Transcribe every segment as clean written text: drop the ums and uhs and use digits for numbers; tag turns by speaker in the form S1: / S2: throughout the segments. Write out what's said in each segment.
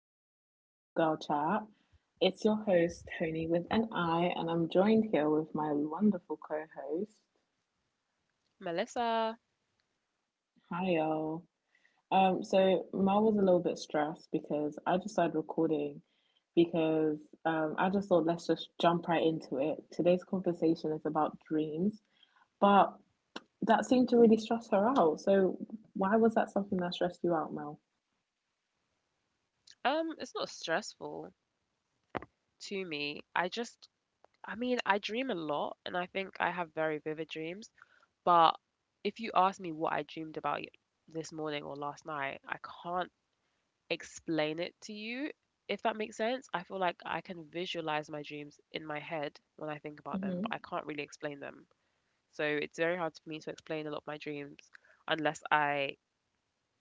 S1: another edition of Girl Chat. It's your host Tony with an I, and I'm joined here with my wonderful co-host.
S2: Melissa,
S1: Hi y'all. So Mel was a little bit stressed because I just started recording because I just thought let's just jump right into it. Today's conversation is about dreams, but that seemed to really stress her out. So why was that something that stressed you out, Mel?
S2: it's not stressful to me. I just, I mean, I dream a lot and I think I have very vivid dreams. But if you ask me what I dreamed about this morning or last night, I can't explain it to you, if that makes sense. I feel like I can visualize my dreams in my head when I think about them,
S1: Mm-hmm.
S2: but I can't really explain them. So it's very hard for me to explain a lot of my dreams unless I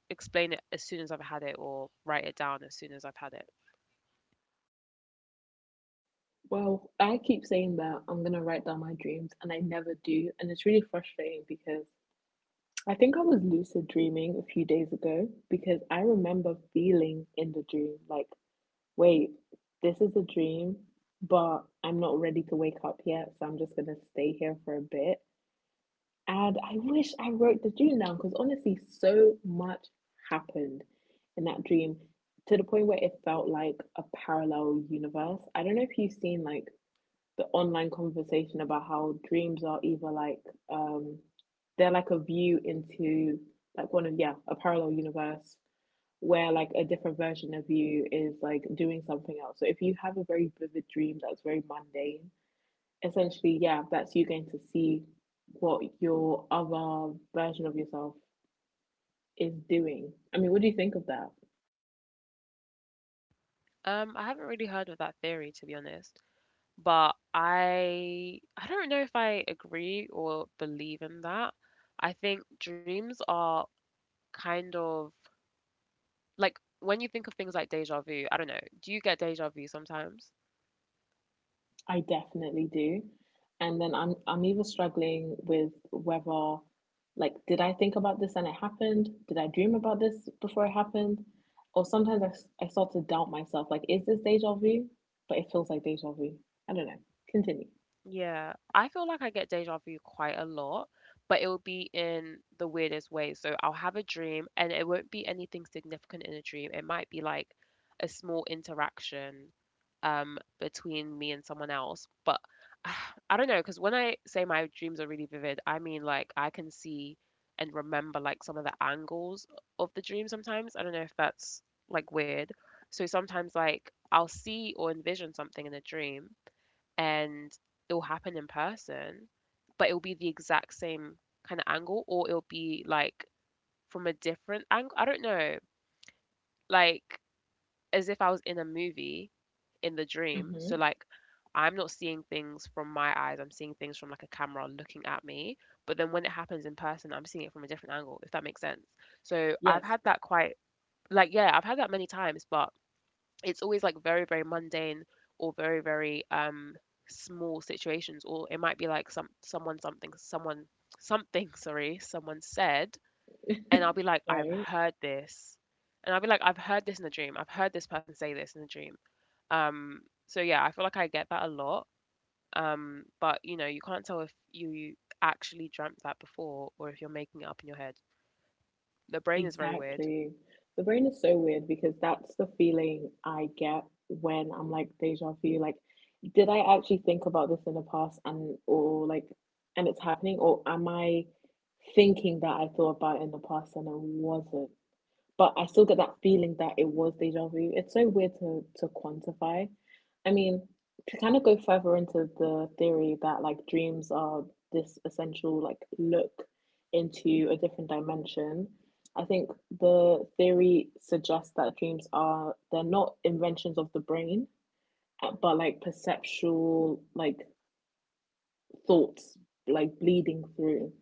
S2: explain it as soon as I've had it or write it down as soon as I've had it.
S1: Well, I keep saying that I'm gonna write down my dreams and I never do, and it's really frustrating because I think I was lucid dreaming a few days ago because I remember feeling in the dream like, wait, this is a dream, but I'm not ready to wake up yet, so I'm just gonna stay here for a bit. And I wish I wrote the dream down because honestly, so much happened in that dream to the point where it felt like a parallel universe. I don't know if you've seen like the online conversation about how dreams are either like um they're like a view into like one of yeah a parallel universe where like a different version of you is like doing something else so if you have a very vivid dream that's very mundane essentially yeah that's you going to see what your other version of yourself is doing. I mean, what do you think of that?
S2: I haven't really heard of that theory to be honest, but I don't know if I agree or believe in that. I think dreams are kind of like when you think of things like deja vu, I don't know. Do you get deja vu sometimes?
S1: I definitely do. And then I'm even struggling with whether like did I think about this and it happened? Did I dream about this before it happened? Or sometimes I start to doubt myself like is this deja vu? But it feels like deja vu. I don't know. Continue.
S2: Yeah, I feel like I get deja vu quite a lot, but it will be in the weirdest way. So I'll have a dream and it won't be anything significant in a dream. It might be like a small interaction between me and someone else, but I don't know because when I say my dreams are really vivid, I mean like I can see and remember like some of the angles of the dream sometimes. I don't know if that's like weird. So sometimes like I'll see or envision something in a dream and it'll happen in person, but it'll be the exact same kind of angle, or it'll be like from a different angle. I don't know, like as if I was in a movie in the dream.
S1: Mm-hmm.
S2: So like I'm not seeing things from my eyes. I'm seeing things from like a camera looking at me. But then when it happens in person, I'm seeing it from a different angle, if that makes sense. So I've
S1: Yes.
S2: had that quite like yeah, I've had that many times, but it's always like very very mundane or very very small situations or it might be like someone something sorry someone said and I'll be like I've
S1: Right.
S2: heard this and I'll be like I've heard this in a dream, I've heard this person say this in a dream, um so yeah, I feel like I get that a lot, but you know you can't tell if you actually dreamt that before or if you're making it up in your head. The brain is very weird.
S1: Exactly. The brain is so weird because that's the feeling I get when I'm like deja vu. Like, did I actually think about this in the past and or like and it's happening or am I thinking that I thought about it in the past and it wasn't? But I still get that feeling that it was deja vu. It's so weird to quantify. I mean, to kind of go further into the theory that like dreams are this essential like look into a different dimension. I think the theory suggests that dreams are they're not inventions of the brain, but like perceptual like thoughts like bleeding through.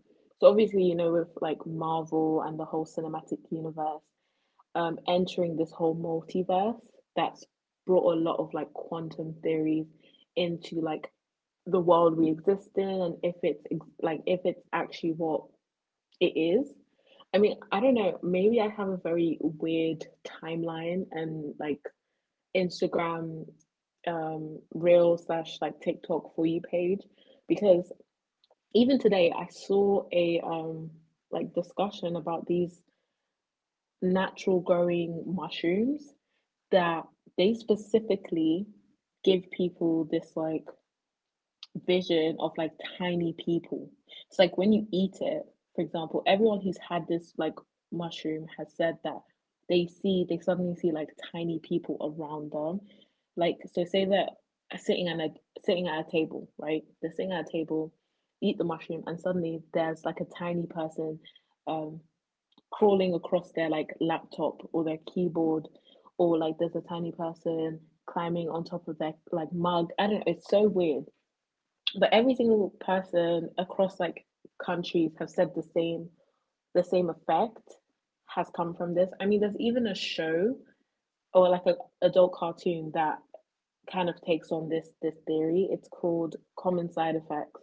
S1: So obviously, you know, with like Marvel and the whole cinematic universe, entering this whole multiverse that's brought a lot of like quantum theories into like the world we exist in, and if it's like if it's actually what it is. I mean, I don't know, maybe I have a very weird timeline and like Instagram reel slash like TikTok for you page, because even today I saw a like discussion about these natural growing mushrooms that they specifically give people this like vision of like tiny people. It's like when you eat it, for example, everyone who's had this like mushroom has said that they see they suddenly see like tiny people around them. Like so say that sitting at a sitting at a table, right? They're sitting at a table, eat the mushroom and suddenly there's like a tiny person um crawling across their like laptop or their keyboard, or like there's a tiny person climbing on top of their like mug. I don't know, it's so weird. But every single person across like countries have said the same effect has come from this. I mean there's even a show or like a adult cartoon that kind of takes on this theory. It's called Common Side Effects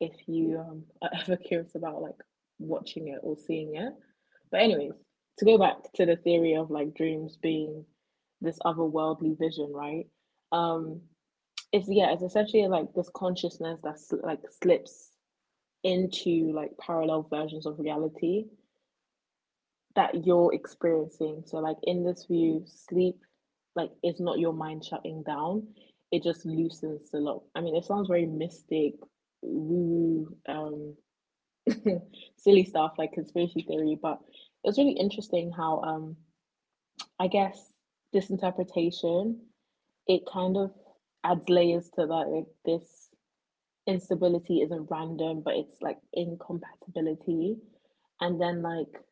S1: if you are ever curious about like watching it or seeing it. But anyways, to go back to the theory of like dreams being this otherworldly vision, right? Um, it's yeah, it's essentially like this consciousness that's like slips into like parallel versions of reality that you're experiencing. So like in this view, sleep like is not your mind shutting down. It just loosens the lock. I mean, it sounds very mystic, woo, silly stuff like conspiracy theory, but it was really interesting how I guess this interpretation it kind of adds layers to that like this instability isn't random but it's like incompatibility, and then like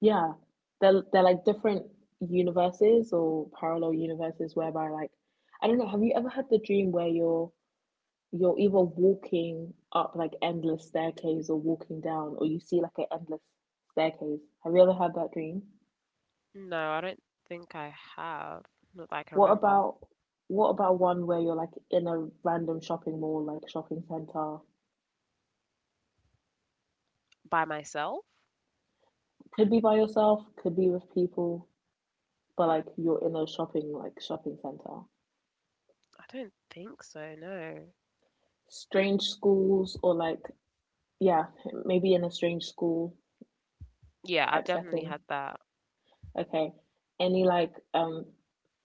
S1: yeah they're like different universes or parallel universes, whereby like I don't know, have you ever had the dream where you're either walking up like endless staircase or walking down, or you see like an endless staircase? Have you ever had that dream?
S2: No, I don't think I have, not that I can
S1: what
S2: remember.
S1: about what about one where you're like in a random shopping mall like shopping center?
S2: By myself.
S1: Could be by yourself, could be with people, but like you're in a shopping like shopping center.
S2: I don't think so, no.
S1: Strange schools or like yeah maybe in a strange school
S2: Yeah, I've
S1: type
S2: definitely
S1: setting.
S2: had that.
S1: Okay. Any like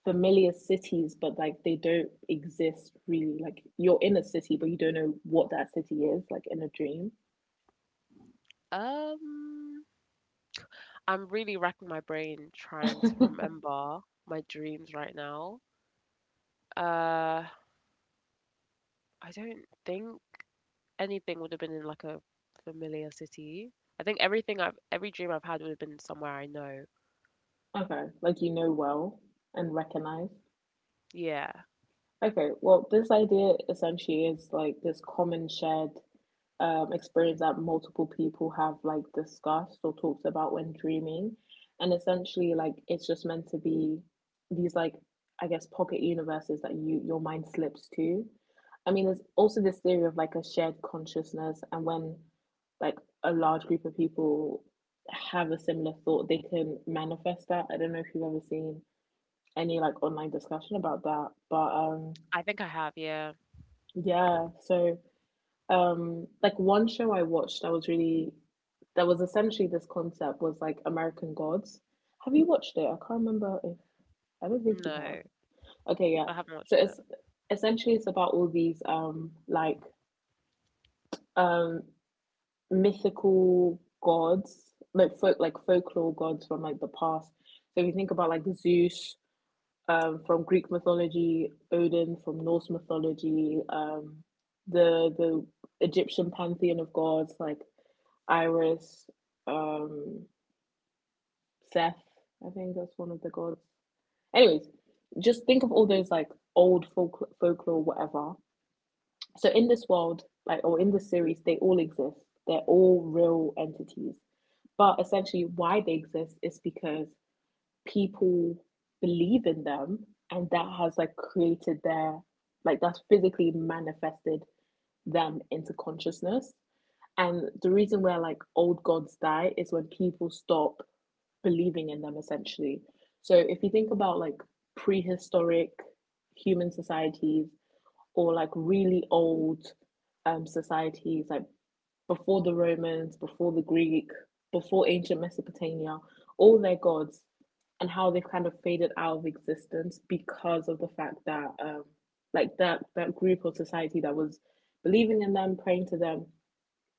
S1: familiar cities, but like they don't exist really. Like you're in a city, but you don't know what that city is, like in a dream.
S2: Um, I'm really racking my brain trying to remember my dreams right now. Uh, I don't think anything would have been in like a familiar city. I think everything I've every dream I've had would have been somewhere I know.
S1: Okay. Like you know well and recognize.
S2: Yeah.
S1: Okay, well, this idea essentially is like this common shared experience that multiple people have like discussed or talked about when dreaming. And essentially, like it's just meant to be these like I guess pocket universes that your mind slips to. I mean, there's also this theory of like a shared consciousness, and when like a large group of people have a similar thought, they can manifest that. I don't know if you've ever seen any like online discussion about that, but
S2: I think I have, yeah.
S1: yeah, so like one show I watched that was really that was essentially this concept was like American Gods. Have you watched it? I can't remember if I don't think you
S2: No,
S1: have. Okay,
S2: I
S1: yeah.
S2: haven't watched
S1: So
S2: it.
S1: it's essentially it's about all these like um mythical gods, like folk like folklore gods from like the past. So if you think about like Zeus, from Greek mythology, Odin from Norse mythology, the Egyptian pantheon of gods like Iris, um, Seth. I think that's one of the gods. Anyways, just think of all those like old folk folklore, whatever. So in this world, like or in the series, they all exist. They're all real entities. But essentially, why they exist is because people believe in them, and that has like created their like that's physically manifested them into consciousness, and the reason where like old gods die is when people stop believing in them essentially. So if you think about like prehistoric human societies or like really old societies like before the Romans, before the Greek, before ancient Mesopotamia, all their gods, and how they've kind of faded out of existence because of the fact that, like that group or society that was believing in them, praying to them,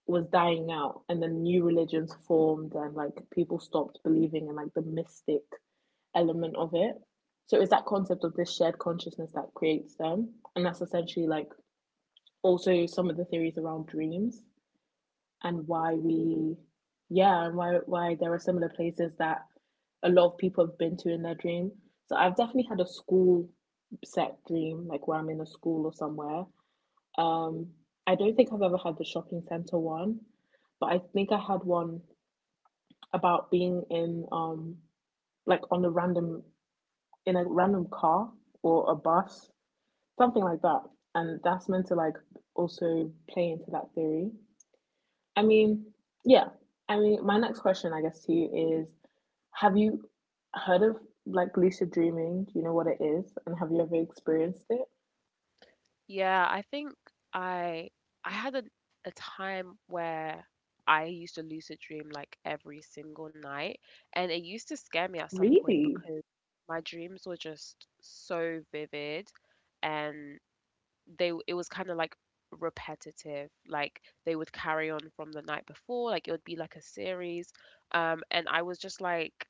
S1: was dying out, and then new religions formed, and like people stopped believing in like the mystic element of it. So it's that concept of this shared consciousness that creates them, and that's essentially like also some of the theories around dreams and why we yeah, and why there are similar places that a lot of people have been to in their dream. So I've definitely had a school set dream like where I'm in a school or somewhere, um I don't think I've ever had the shopping center one, but I think I had one about being in like on a random car or a bus, something like that, and that's meant to like also play into that theory. I mean, yeah. I mean, my next question, I guess, to you is: have you heard of like lucid dreaming? Do you know what it is, and have you ever experienced it?
S2: Yeah, I think I I had a time where I used to lucid dream like every single night, and it used to scare me at some point
S1: Really?
S2: because my dreams were just so vivid, and it was kind of like repetitive. Like they would carry on from the night before, like it would be like a series, and I was just like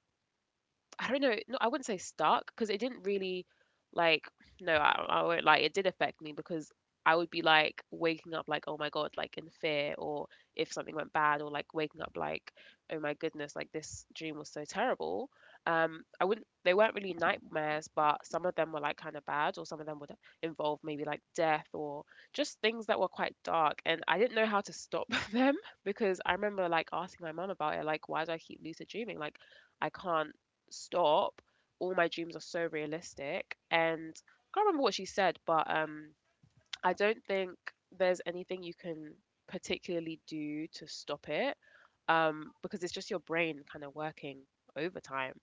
S2: I don't know. No, I wouldn't say stuck because it didn't really like no, I won't lie. It did affect me because I would be like waking up like oh my god like in fear, or if something went bad, or like waking up like oh my goodness like this dream was so terrible. I wouldn't. They weren't really nightmares, but some of them were like kind of bad or some of them would involve maybe like death or just things that were quite dark. And I didn't know how to stop them because I remember like asking my mum about it like why do I keep lucid dreaming, like I can't stop. All my dreams are so realistic. And I can't remember what she said, but I don't think there's anything you can particularly do to stop it, because it's just your brain kind of working overtime.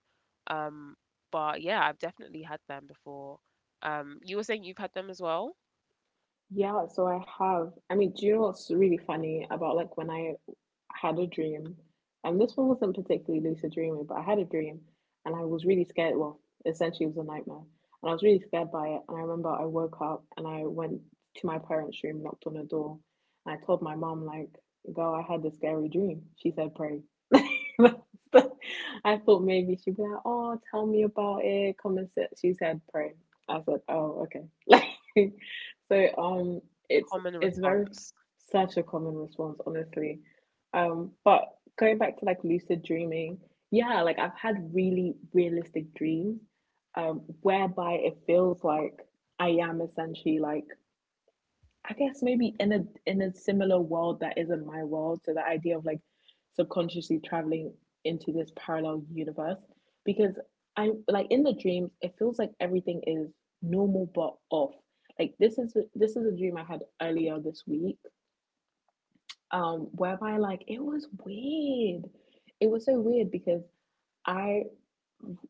S2: Um, but yeah, I've definitely had them before. You were saying you've had them as well?
S1: Yeah, so I have. I mean, do you know what's really funny about like when I had a dream, and this one wasn't particularly lucid dreaming, but I had a dream and I was really scared. Well, essentially, it was a nightmare, and I was really scared by it. And I remember I woke up and I went to my parents' room, knocked on the door, and I told my mom, like, girl, I had this scary dream. She said, pray. I thought maybe she'd be like, oh, tell me about it, come and sit. She said, pray. I said, oh, okay. Like, so
S2: Common
S1: it's very
S2: response.
S1: such a common response, honestly. But going back to like lucid dreaming, yeah, like I've had really realistic dreams, whereby it feels like I am essentially like I guess maybe in a similar world that isn't my world. So the idea of like subconsciously traveling into this parallel universe, because I like in the dreams it feels like everything is normal but off. Like this is a dream I had earlier this week whereby like it was weird. It was so weird because I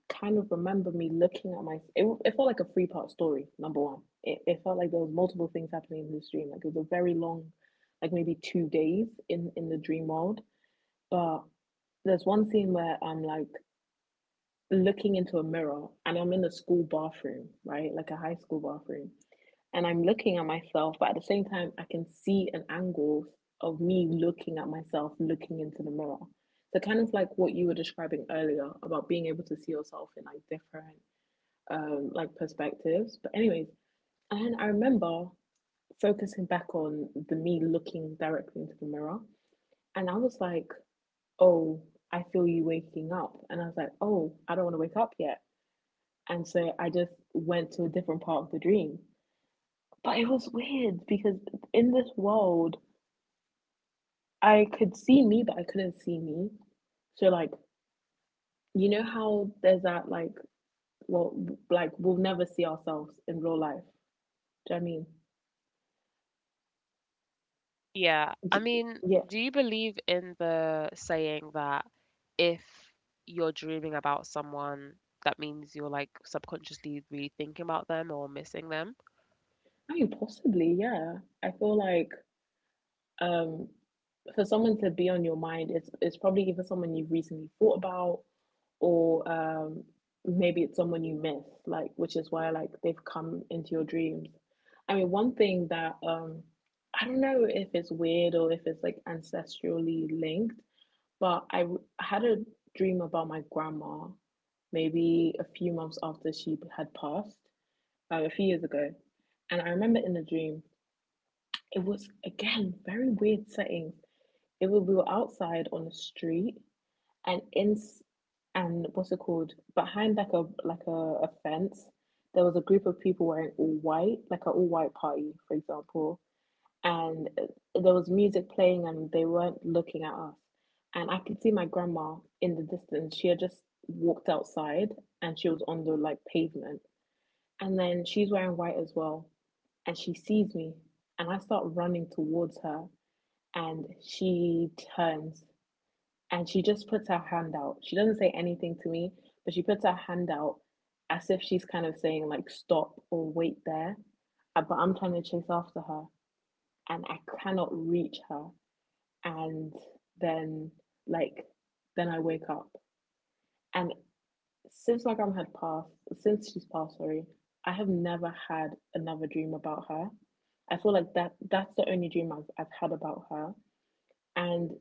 S1: kind of remember me looking at my it felt like a three-part story number one it felt like there was multiple things happening in this dream. Like it was a very long, like maybe 2 days in the dream world. But there's one scene where I'm like looking into a mirror, and I'm in the school bathroom, right, like a high school bathroom, and I'm looking at myself, but at the same time I can see an angle of me looking at myself looking into the mirror. So kind of like what you were describing earlier about being able to see yourself in like different like perspectives. But anyways, and I remember focusing back on the me looking directly into the mirror, and I was like, "Oh, I feel you waking up," and I was like, "Oh, I don't want to wake up yet," and so I just went to a different part of the dream. But it was weird because in this world, I could see me, but I couldn't see me. So like, you know how there's that like, well, like we'll never see ourselves in real life. Do you know what I mean?
S2: Yeah, I mean,
S1: Yeah,
S2: do you believe in the saying that if you're dreaming about someone, that means you're like subconsciously really thinking about them or missing them?
S1: I mean, possibly, yeah. I feel like um, for someone to be on your mind, it's probably either someone you've recently thought about, or maybe it's someone you miss, like which is why like they've come into your dreams. I mean, one thing that I don't know if it's weird or if it's like ancestrally linked, but I had a dream about my grandma, maybe a few months after she had passed, a few years ago, and I remember in the dream it was again very weird settings. It was we were outside on the street and in and what's it called behind like a a fence. There was a group of people wearing all white, like an all white party, for example, and there was music playing and they weren't looking at us. And I could see my grandma in the distance. She had just walked outside and she was on the like pavement. And then she's wearing white as well. And she sees me and I start running towards her and she turns and she just puts her hand out. She doesn't say anything to me, but she puts her hand out as if she's kind of saying like stop or wait there. But I'm trying to chase after her and I cannot reach her. And then like then I wake up. And since my grandma had passed, since she's passed, sorry, I have never had another dream about her. I feel like that's the only dream I've had about her. And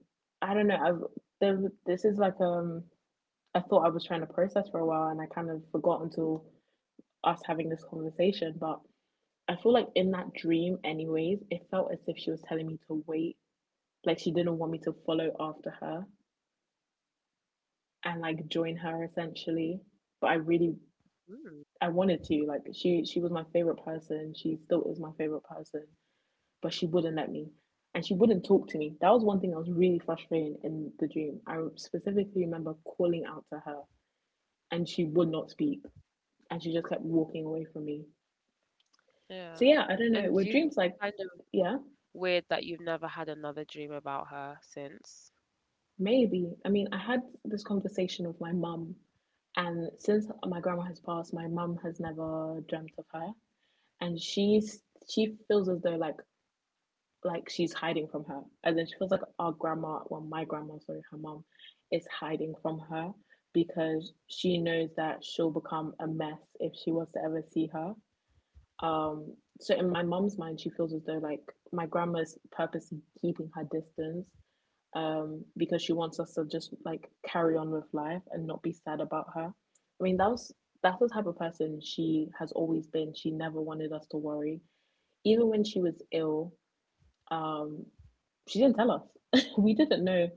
S1: I don't know. I've there, this is like a thought I was trying to process for a while, and I kind of forgot until us having this conversation. But I feel like in that dream, anyways, it felt as if she was telling me to wait, like she didn't want me to follow after her and like join her essentially. But I really
S2: Mm,
S1: I wanted to like she was my favorite person. She still is my favorite person. But she wouldn't let me. And she wouldn't talk to me. That was one thing that was really frustrating in the dream. I specifically remember calling out to her and she would not speak. And she just kept walking away from me.
S2: yeah.
S1: So yeah, I don't know.
S2: And do
S1: Were
S2: you think
S1: dreams like
S2: it's kind of
S1: yeah,
S2: weird that you've never had another dream about her since?
S1: maybe. I mean, I had this conversation with my mum, and since my grandma has passed, my mum has never dreamt of her. And she's she feels as though like she's hiding from her. And then she feels like our grandma, well, my grandma, sorry, her mom, is hiding from her because she knows that she'll become a mess if she was to ever see her. Um, so in my mom's mind, she feels as though like my grandma's purposely keeping her distance, because she wants us to just like carry on with life and not be sad about her. I mean, that was that's the type of person she has always been. She never wanted us to worry. Even when she was ill, um, she didn't tell us. We didn't know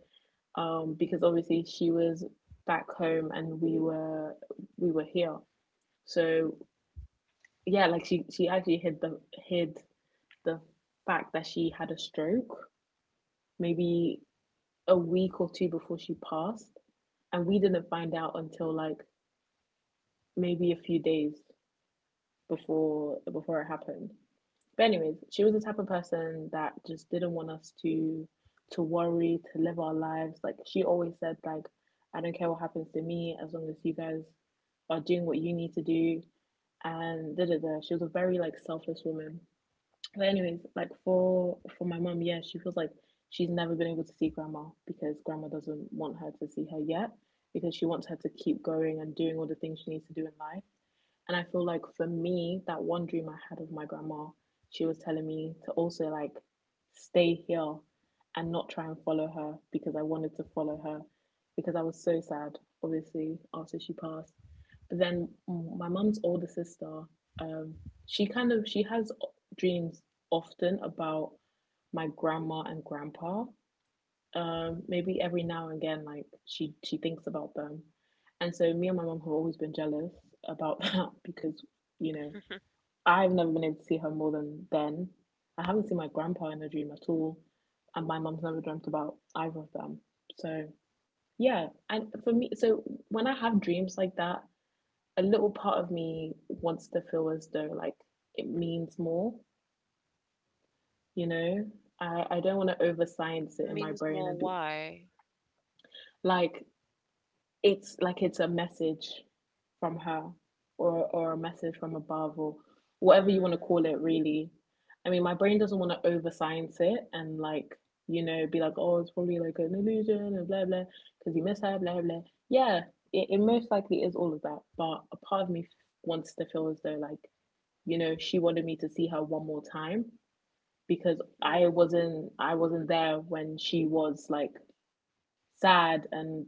S1: because obviously she was back home and we were here. So yeah, like she actually hid the fact that she had a stroke maybe a week or two before she passed, and we didn't find out until like maybe a few days before it happened. But anyways, she was the type of person that just didn't want us to worry, to live our lives. Like she always said, like, I don't care what happens to me as long as you guys are doing what you need to do and da da da. She was a very like selfless woman. But anyways, like for my mum, yeah, she feels like she's never been able to see grandma because grandma doesn't want her to see her yet because she wants her to keep going and doing all the things she needs to do in life. And I feel like for me, that one dream I had of my grandma, she was telling me to also like stay here and not try and follow her because I wanted to follow her because I was so sad, obviously, after she passed. But then mm, my mum's older sister, um, she kind of she has dreams often about my grandma and grandpa. Maybe every now and again, like she thinks about them, and so me and my mom have always been jealous about that because you know I've never been able to see her more than then. I haven't seen my grandpa in a dream at all, and my mom's never dreamt about either of them. So yeah, and for me, so when I have dreams like that, a little part of me wants to feel as though like it means more, you know, I don't want to over science it in my
S2: Means
S1: brain
S2: more
S1: and be
S2: why?
S1: like like it's a message from her or a message from above or whatever you want to
S2: Mm.
S1: call it really. I mean my brain doesn't want to over science it and like you know be like oh it's probably like an illusion and blah blah because you miss her blah blah. Yeah, it most likely is all of that, but a part of me wants to feel as though like you know she wanted me to see her one more time because
S2: Mm.
S1: I wasn't there when she was like sad. And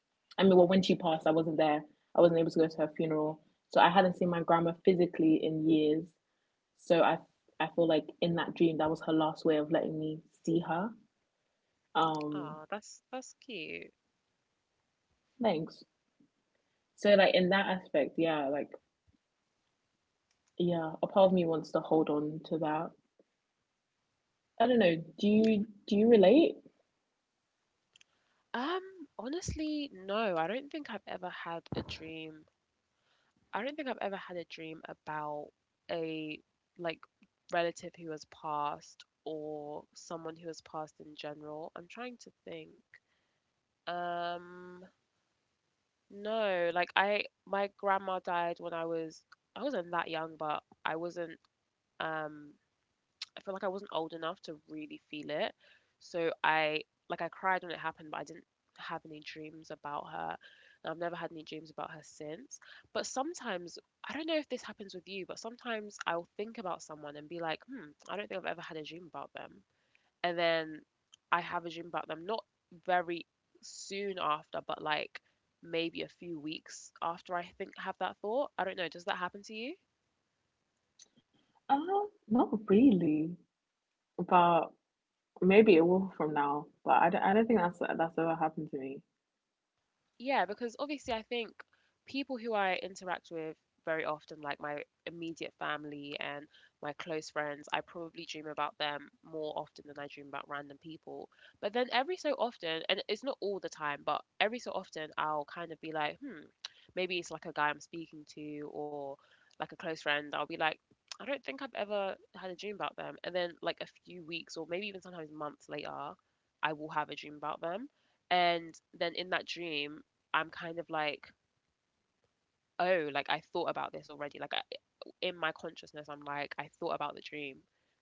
S1: I mean well when she passed I wasn't there. I wasn't able to go to her funeral. So I hadn't seen my grandma physically in years. So I feel like in that dream that was her last way of letting me see her. Um
S2: Oh, that's cute.
S1: thanks. So like in that aspect, yeah, like yeah, a part of me wants to hold on to that. I don't know, do you relate?
S2: Um, honestly, no, I don't think I've ever had a dream, I don't think I've ever had a dream about a like relative who has passed or someone who has passed in general. I'm trying to think. Um, no, like I, my grandma died when I was, I wasn't that young, but I wasn't um I felt like I wasn't old enough to really feel it. So I like I cried when it happened, but I didn't have any dreams about her. And I've never had any dreams about her since. But sometimes I don't know if this happens with you, but sometimes I'll think about someone and be like, hmm, I don't think I've ever had a dream about them. And then I have a dream about them, not very soon after, but like maybe a few weeks after I think have that thought. I don't know. Does that happen to you?
S1: Uh not really. But maybe it will from now, but I don't think that's ever happened to me.
S2: Yeah, because obviously I think people who I interact with very often, like my immediate family and my close friends, I probably dream about them more often than I dream about random people. But then every so often, and it's not all the time, but every so often I'll kind of be like, hmm, maybe it's like a guy I'm speaking to or like a close friend, I'll be like, I don't think I've ever had a dream about them. And then like a few weeks or maybe even sometimes months later, I will have a dream about them. And then in that dream, I'm kind of like, oh, like I thought about this already. Like in my consciousness, I'm like, I thought about the dream.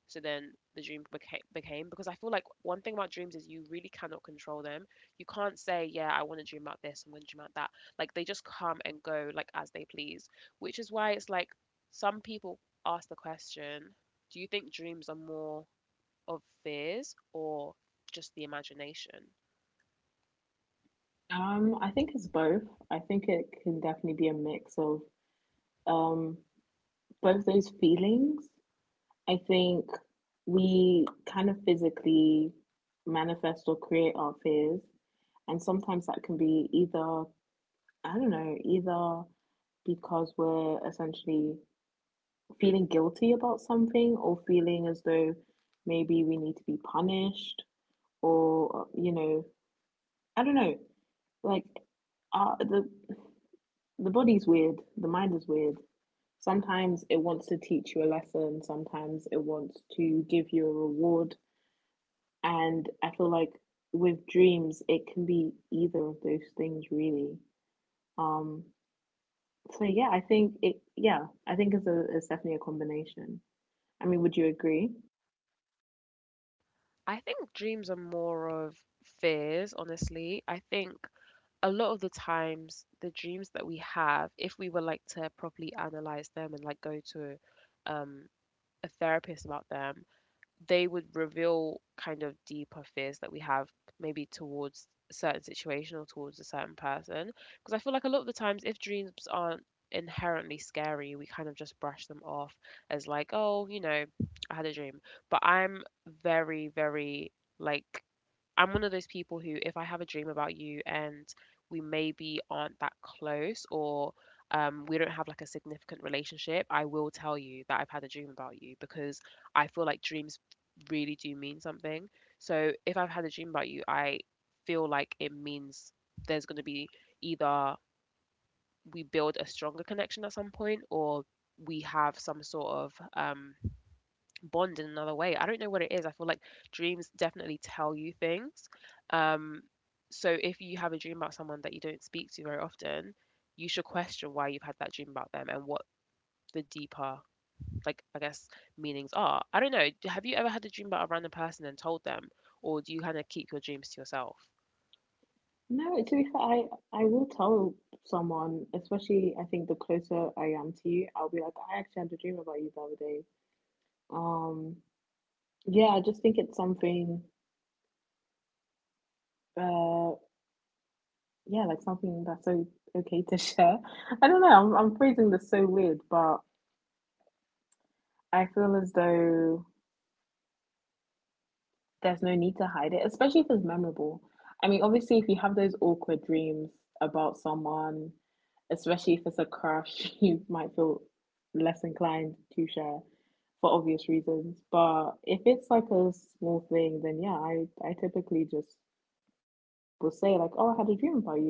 S2: So then the dream became, became because I feel like one thing about dreams is you really cannot control them. You can't say, yeah, I want to dream about this, I'm going to dream about that. Like they just come and go like as they please, which is why it's like some people ask the question, do you think dreams are more of fears or just the imagination?
S1: I think it's both. I think it can definitely be a mix of um both those feelings. I think we kind of physically manifest or create our fears, and sometimes that can be either, I don't know, either because we're essentially feeling guilty about something or feeling as though maybe we need to be punished or, you know, I don't know. Like uh, the the body's weird, the mind is weird. Sometimes it wants to teach you a lesson, sometimes it wants to give you a reward. And I feel like with dreams it can be either of those things really. um so yeah I think it yeah I think it's definitely a combination. I mean would you agree?
S2: I think dreams are more of fears, honestly. I think a lot of the times the dreams that we have, if we were like to properly analyze them and like go to um a therapist about them, they would reveal kind of deeper fears that we have maybe towards a certain situation or towards a certain person, because I feel like a lot of the times if dreams aren't inherently scary we kind of just brush them off as like oh you know I had a dream, but I'm very very like I'm one of those people who, if I have a dream about you and we maybe aren't that close or we don't have like a significant relationship, I will tell you that I've had a dream about you because I feel like dreams really do mean something. So if I've had a dream about you, I feel like it means there's going to be either we build a stronger connection at some point or we have some sort of bond in another way. I don't know what it is. I feel like dreams definitely tell you things. Um, so if you have a dream about someone that you don't speak to very often, you should question why you've had that dream about them and what the deeper, like, I guess, meanings are. I don't know. Have you ever had a dream about a random person and told them? Or do you kind of keep your dreams to yourself?
S1: No, to be fair, I will tell someone, especially I think the closer I am to you I'll be like I actually had a dream about you the other day. um Yeah, I just think it's something, uh, yeah, like something that's so okay to share. I don't know, I'm phrasing this so weird, but I feel as though there's no need to hide it, especially if it's memorable. I mean, obviously, if you have those awkward dreams about someone, especially if it's a crush, you might feel less inclined to share for obvious reasons. But if it's like a small thing, then yeah, I typically just will say, like, oh, I had a dream about you,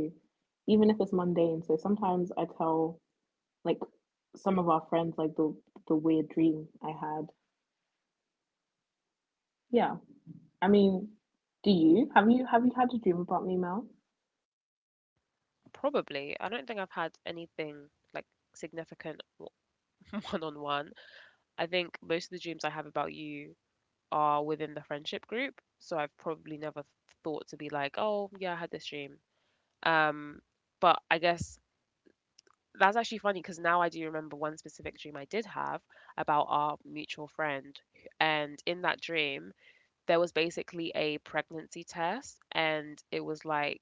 S1: even if it's mundane. So sometimes I tell, like, some of our friends, like, the weird dream I had. Yeah. I mean, do you have you have you had a dream about me, Mel?
S2: Probably. I don't think I've had anything like significant one on one. I think most of the dreams I have about you are within the friendship group. So I've probably never thought to be like, oh, yeah, I had this dream. Um, but I guess that's actually funny because now I do remember one specific dream I did have about our mutual friend. And in that dream, there was basically a pregnancy test, and it was like,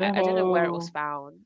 S2: I don't know where it was found,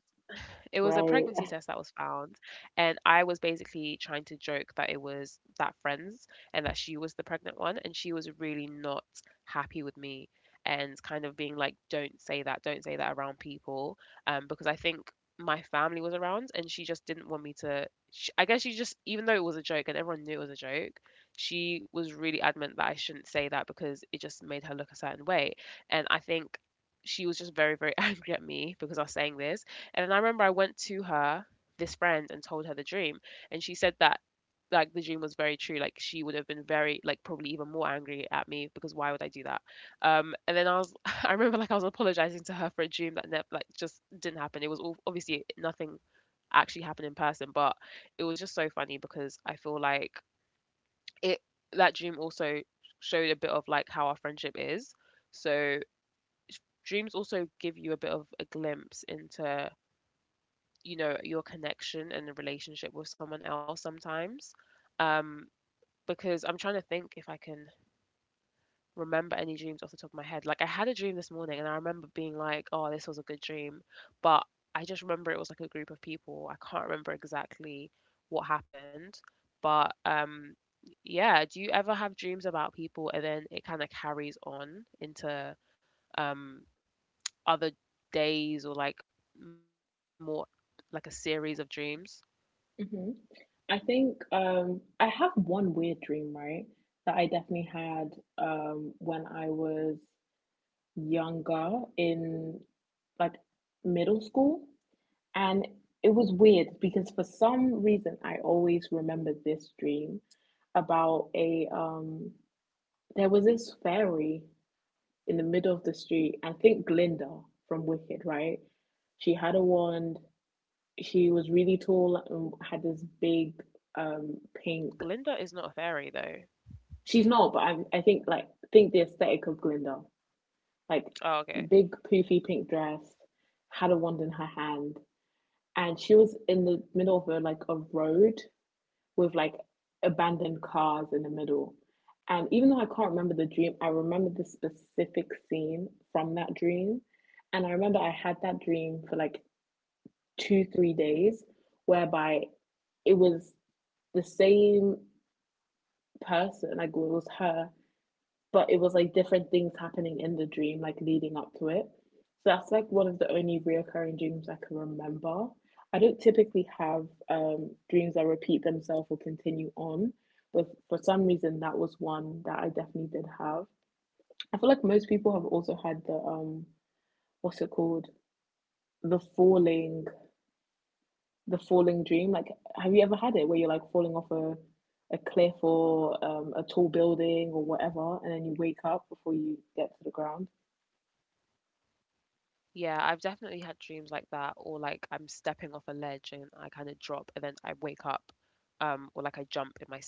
S2: it was a
S1: right.
S2: pregnancy test that was found, and I was basically trying to joke that it was that friend's and that she was the pregnant one, and she was really not happy with me and kind of being like, don't say that around people," because I think my family was around, and she just didn't want me to. Sh I guess she just, even though it was a joke and everyone knew it was a joke, she was really adamant that I shouldn't say that because it just made her look a certain way, and I think she was just very very angry at me because I was saying this. And then I remember I went to her, this friend, and told her the dream. And she said that, like, the dream was very true. Like, she would have been very, like, probably even more angry at me because why would I do that? And then I was, I remember, like, I was apologizing to her for a dream that, never, like, just didn't happen. It was all, obviously nothing actually happened in person, but it was just so funny because I feel like it, that dream also showed a bit of, like, how our friendship is. So, dreams also give you a bit of a glimpse into you know your connection and the relationship with someone else sometimes. um because I'm trying to think if I can remember any dreams off the top of my head. Like, I had a dream this morning and I remember being like, oh, this was a good dream, but I just remember it was like a group of people. I can't remember exactly what happened, but yeah, do you ever have dreams about people and then it kind of carries on into um other days, or like more like a series of dreams?
S1: hmm I think I have one weird dream, right? That I definitely had when I was younger in like middle school. And it was weird because for some reason I always remember this dream about a there was this fairy in the middle of the street. I think Glinda from Wicked, right? She had a wand. She was really tall and had this big um pink.
S2: Glinda is not a fairy though.
S1: She's not, but I think think the aesthetic of Glinda, like
S2: Oh, okay.
S1: big poofy pink dress, had a wand in her hand, and she was in the middle of a like a road with like abandoned cars in the middle. And even though I can't remember the dream, I remember the specific scene from that dream. And I remember I had that dream for like two, 3 days, whereby it was the same person, like it was her, but it was like different things happening in the dream, like leading up to it. So that's like one of the only reoccurring dreams I can remember. I don't typically have dreams that repeat themselves or continue on, but for some reason that was one that I definitely did have. I feel like most people have also had the what's it called, the falling, the falling dream. Like, have you ever had it where you're like falling off a cliff or a tall building or whatever, and then you wake up before you get to the ground?
S2: Yeah, I've definitely had dreams like that, or like I'm stepping off a ledge and I kind of drop and then I wake up, or like I jump in my sleep.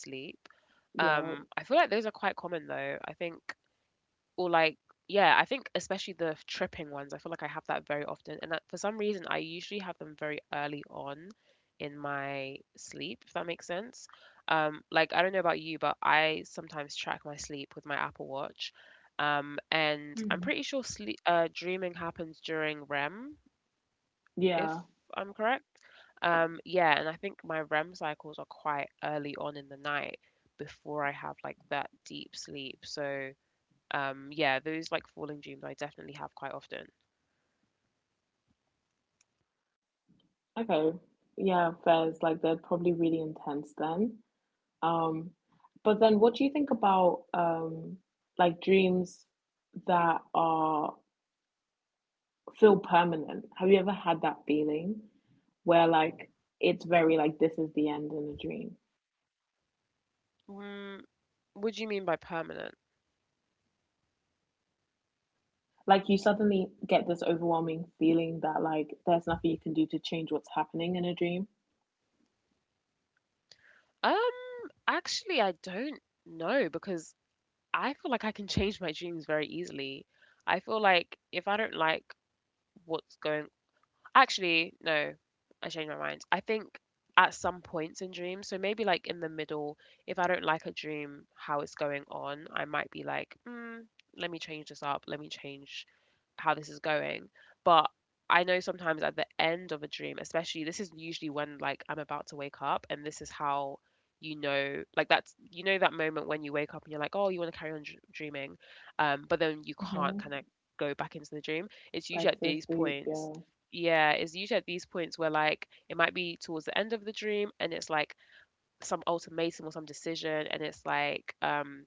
S2: I
S1: Yeah.
S2: feel like those are quite common though. I think. Or like, yeah, I think especially the tripping ones, I feel like I have that very often. And that for some reason, I usually have them very early on in my sleep, if that makes sense. Like, I don't know about you, but I sometimes track my sleep with my Apple Watch. And I'm
S1: Mm.
S2: pretty sure sleep, dreaming happens during REM, if
S1: Yeah.
S2: I'm correct. Yeah, and I think my REM cycles are quite early on in the night before I have like that deep sleep. So yeah, those like falling dreams I definitely have quite often.
S1: Okay. Yeah, fairs like they're probably really intense then. Um, but then what do you think about like dreams that are feel permanent? Have you ever had that feeling where like it's very like this is the end in a dream?
S2: Mm, what do you mean by permanent?
S1: Like you suddenly get this overwhelming feeling that like there's nothing you can do to change what's happening in a dream.
S2: Um, actually, I don't know because I feel like I can change my dreams very easily. I feel like if I don't like what's going Actually, no, I changed my mind. I think at some points in dreams, so maybe like in the middle, if I don't like a dream, how it's going on, I might be like, mm, let me change this up, let me change how this is going. But I know sometimes at the end of a dream, especially this is usually when like I'm about to wake up, and this is how you know like that's you know that moment when you wake up and you're like, oh, you want to carry on dreaming. But then you can't
S1: hmm
S2: kind of go back into the dream. It's
S1: Back
S2: usually at
S1: to
S2: these
S1: sleep,
S2: points,
S1: yeah.
S2: yeah, it's usually at these points where like it might be towards the end of the dream and it's like some ultimatum or some decision and it's like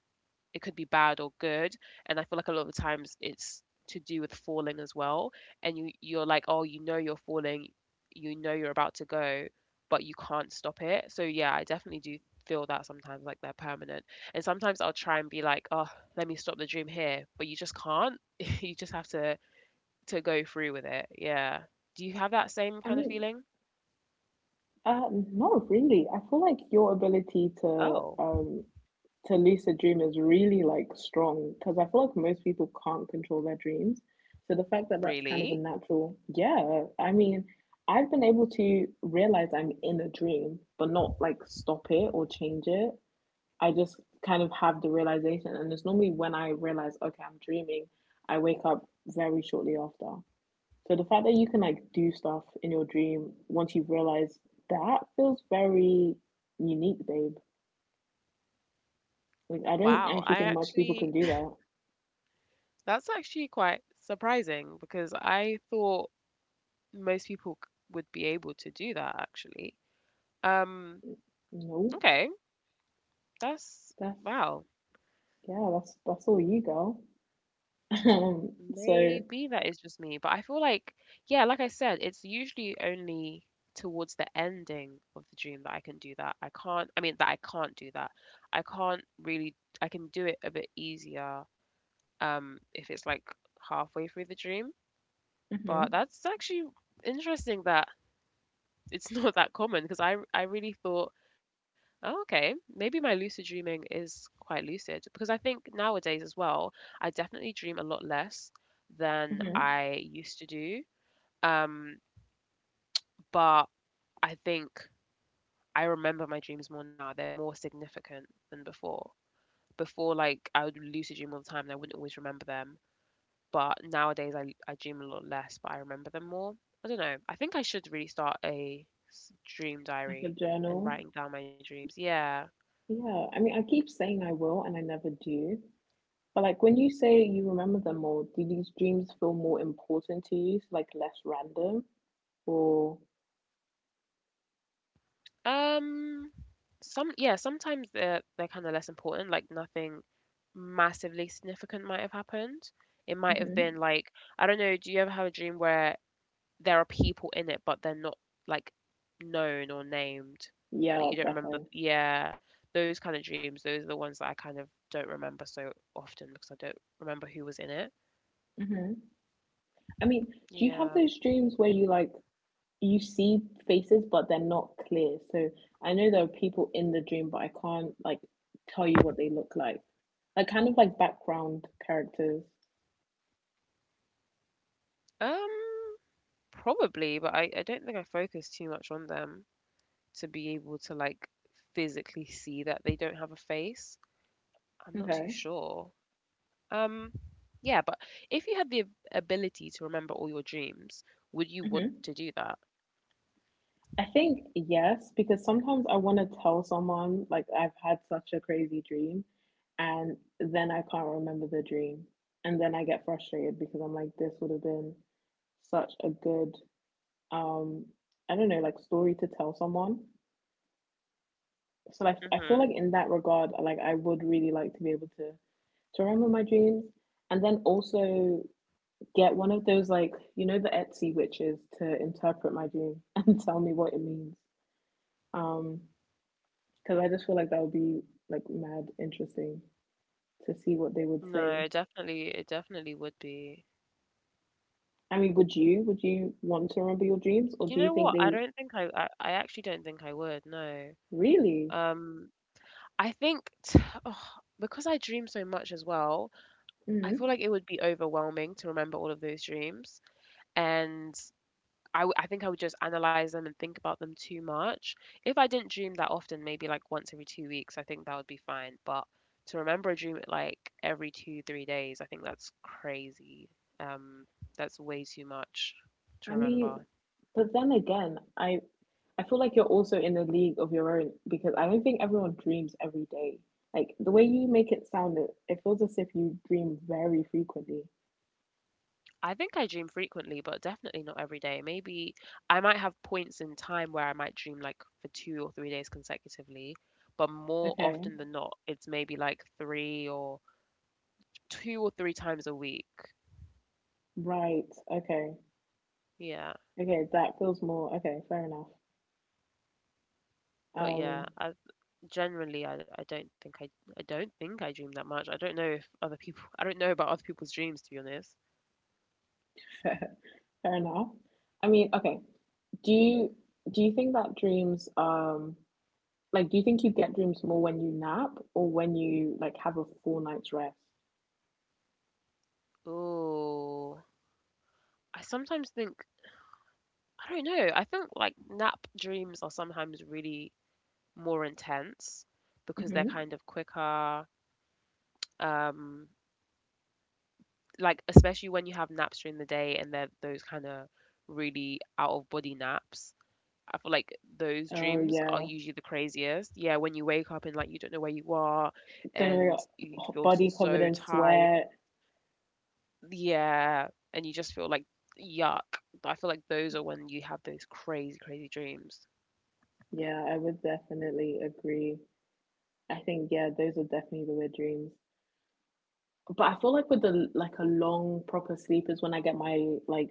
S2: it could be bad or good. And I feel like a lot of the times it's to do with falling as well. And you're like, oh, you know you're falling, you know you're about to go, but you can't stop it. So yeah, I definitely do feel that sometimes like they're permanent. And sometimes I'll try and be like, "Oh, let me stop the dream here," but you just can't. You just have to go through with it. Yeah. Do you have that same
S1: I
S2: kind of
S1: mean,
S2: feeling?
S1: Uh, no, really. I feel like your ability
S2: Oh,
S1: to lease a dream is really like strong because I feel like most people can't control their dreams. So the fact that that's kind
S2: really?
S1: of a natural, yeah. I mean, I've been able to realize I'm in a dream, but not like stop it or change it. I just kind of have the realization, and it's normally when I realize, okay, I'm dreaming, I wake up very shortly after. So the fact that you can like do stuff in your dream once you've realized that feels very unique, babe. Like I don't
S2: Wow.
S1: actually think much people can do that.
S2: That's actually quite surprising because I thought most people would be able to do that actually. Um,
S1: Nope.
S2: okay. That's,
S1: That's
S2: wow.
S1: yeah, that's all you girl. Um, so
S2: Maybe that is just me, but I feel like, yeah, like I said, it's usually only towards the ending of the dream that I can do that. I mean, that I can't do that. I can't really, I can do it a bit easier if it's like halfway through the dream. But
S1: mhm,
S2: that's actually interesting that it's not that common because I really thought, oh, okay, maybe my lucid dreaming is quite lucid because I think nowadays as well, I definitely dream a lot less than
S1: mhm.
S2: I used to do. Um, but I think I remember my dreams more now. They're more significant than before. Before, like I would lucid dream all the time and I wouldn't always remember them. But nowadays I dream a lot less, but I remember them more. I don't know. I think I should really start a dream
S1: Like a
S2: diary and
S1: journal.
S2: writing down my dreams. Yeah.
S1: Yeah. I mean I keep saying I will and I never do. But like when you say you remember them more, do these dreams feel more important to you, so like less random or
S2: Um. Some, yeah. Sometimes they're kind of less important. Like nothing massively significant might have happened. It might have
S1: hmm
S2: been like I don't know. Do you ever have a dream where there are people in it, but they're not like known or named? Like
S1: yeah,
S2: you don't remember,
S1: definitely.
S2: yeah, those kind of dreams. Those are the ones that I kind of don't remember so often because I don't remember who was in it.
S1: I mean, do you have
S2: Yeah.
S1: those dreams where you like you see faces but they're not clear? So I know there are people in the dream, but I can't like tell you what they look like. Like kind of like background characters.
S2: Um, probably, but I don't think I focus too much on them to be able to like physically see that they don't have a face. I'm not too
S1: Okay.
S2: sure. Um, yeah, but if you had the ability to remember all your dreams, would you want
S1: Mm-hmm.
S2: to do that?
S1: I think yes, because sometimes I want to tell someone like I've had such a crazy dream, and then I can't remember the dream, and then I get frustrated because I'm like, this would have been such a good um I don't know like story to tell someone so like I feel
S2: Hmm.
S1: like in that regard, like I would really like to be able to remember my dreams, and then also get one of those like you know the Etsy witches to interpret my dream and tell me what it means. Um, because I just feel like that would be like mad interesting to see what they would
S2: No,
S1: say.
S2: it definitely would be.
S1: I mean, would you want to remember your dreams, or
S2: You
S1: do you
S2: know
S1: think
S2: what?
S1: they
S2: I actually don't think I would. No.
S1: really?
S2: Um, I think t oh, because I dream so much as well, I
S1: Mm.
S2: feel like it would be overwhelming to remember all of those dreams. And I think I would just analyze them and think about them too much. If I didn't dream that often, maybe like once every 2 weeks, I think that would be fine. But to remember a dream like every two, 3 days, I think that's crazy. Um, that's way too much to
S1: I mean,
S2: remember.
S1: but then again, I feel like you're also in a league of your own because I don't think everyone dreams every day. Like the way you make it sound, it feels as if you dream very frequently.
S2: I think I dream frequently, but definitely not every day. Maybe I might have points in time where I might dream like for 2 or 3 days consecutively, but more
S1: Okay,
S2: often than not, it's maybe like three or 2 or 3 times a week.
S1: right. Okay,
S2: Yeah.
S1: okay. That feels more okay. Fair enough.
S2: But
S1: Um,
S2: yeah, generally I don't think I dream that much. I don't know if other people I don't know about other people's dreams to be honest.
S1: fair enough. I mean, okay. Do you do you think that dreams like do you think you get dreams more when you nap or when you like have a full night's rest?
S2: Oh, I sometimes think I don't know. I think like nap dreams are sometimes really more intense because they're
S1: hmm
S2: kind of quicker. Um, like especially when you have naps during the day and they're those kind of really out of body naps. I feel like those
S1: Oh
S2: dreams are
S1: yeah,
S2: usually the craziest. Yeah, when you wake up and like you don't know where you are
S1: then we're
S2: and you feel
S1: body covered
S2: so
S1: in
S2: tired.
S1: sweat.
S2: Yeah, and you just feel like yuck. I feel like those are when you have those crazy, crazy dreams.
S1: Yeah, I would definitely agree. I think yeah, those are definitely the weird dreams. But I feel like with the like a long proper sleep is when I get my like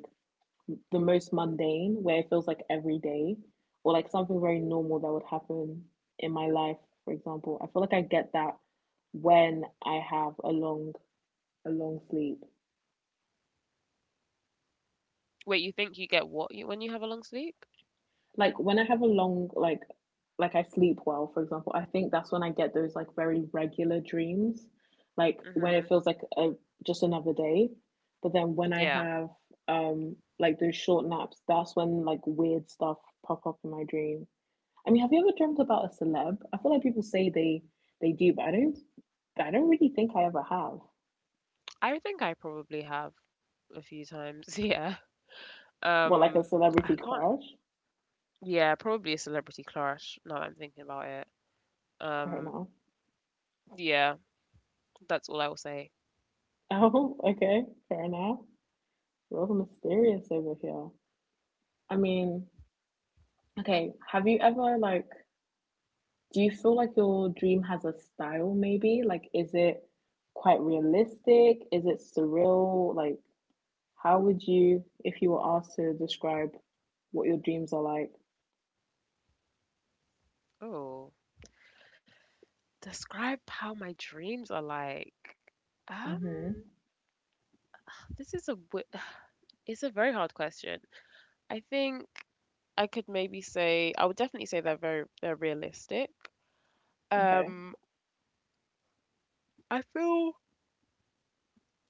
S1: the most mundane, where it feels like every day, or like something very normal that would happen in my life. For example, I feel like I get that when I have a long sleep.
S2: Wait, you think you get what you, when you have a long sleep?
S1: Like when I have a long like I sleep well, for example, I think that's when I get those like very regular dreams. Like when it
S2: Mm-hmm.
S1: feels like a just another day. But then when I
S2: Yeah.
S1: have like those short naps, that's when like weird stuff pop up in my dream. I mean, have you ever dreamt about a celeb? I feel like people say they do, but I don't really think I ever have.
S2: I think I probably have a few times. Yeah.
S1: Well, like a
S2: Um, I
S1: celebrity
S2: can't.
S1: crush?
S2: Yeah, probably a celebrity clash. Now that I'm thinking about it.
S1: Fair
S2: Um,
S1: enough.
S2: yeah, that's all I will say.
S1: Oh, okay, fair enough. Real mysterious over here. I mean, okay, have you ever like do you feel like your dream has a style maybe? Like is it quite realistic? Is it surreal? Like how would you if you were asked to describe what your dreams are like?
S2: Oh, describe how my dreams are like. Um,
S1: Mm-hmm.
S2: this is a it's a very hard question. I think I could maybe say I would definitely say they're very they're realistic.
S1: Okay.
S2: Um, I feel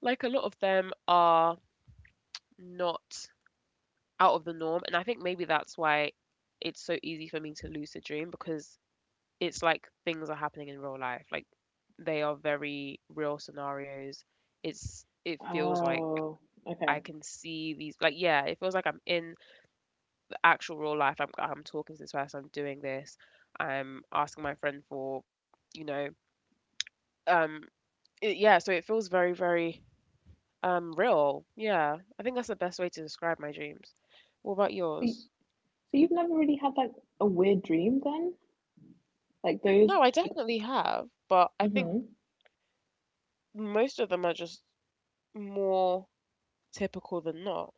S2: like a lot of them are not out of the norm. And I think maybe that's why it's so easy for me to lucid dream because it's like things are happening in real life. Like they are very real scenarios. It's it feels like
S1: Oh,
S2: I
S1: okay.
S2: can see these like yeah, it feels like I'm in the actual real life. I'm talking to this person, I'm doing this, I'm asking my friend for, you know, um yeah, so it feels very, very real. Yeah. I think that's the best way to describe my dreams. What about
S1: So,
S2: yours?
S1: so you've never really had like a weird dream then? Like those
S2: No, I
S1: like
S2: definitely have, but I think
S1: mm-hmm.
S2: most of them are just more typical than not.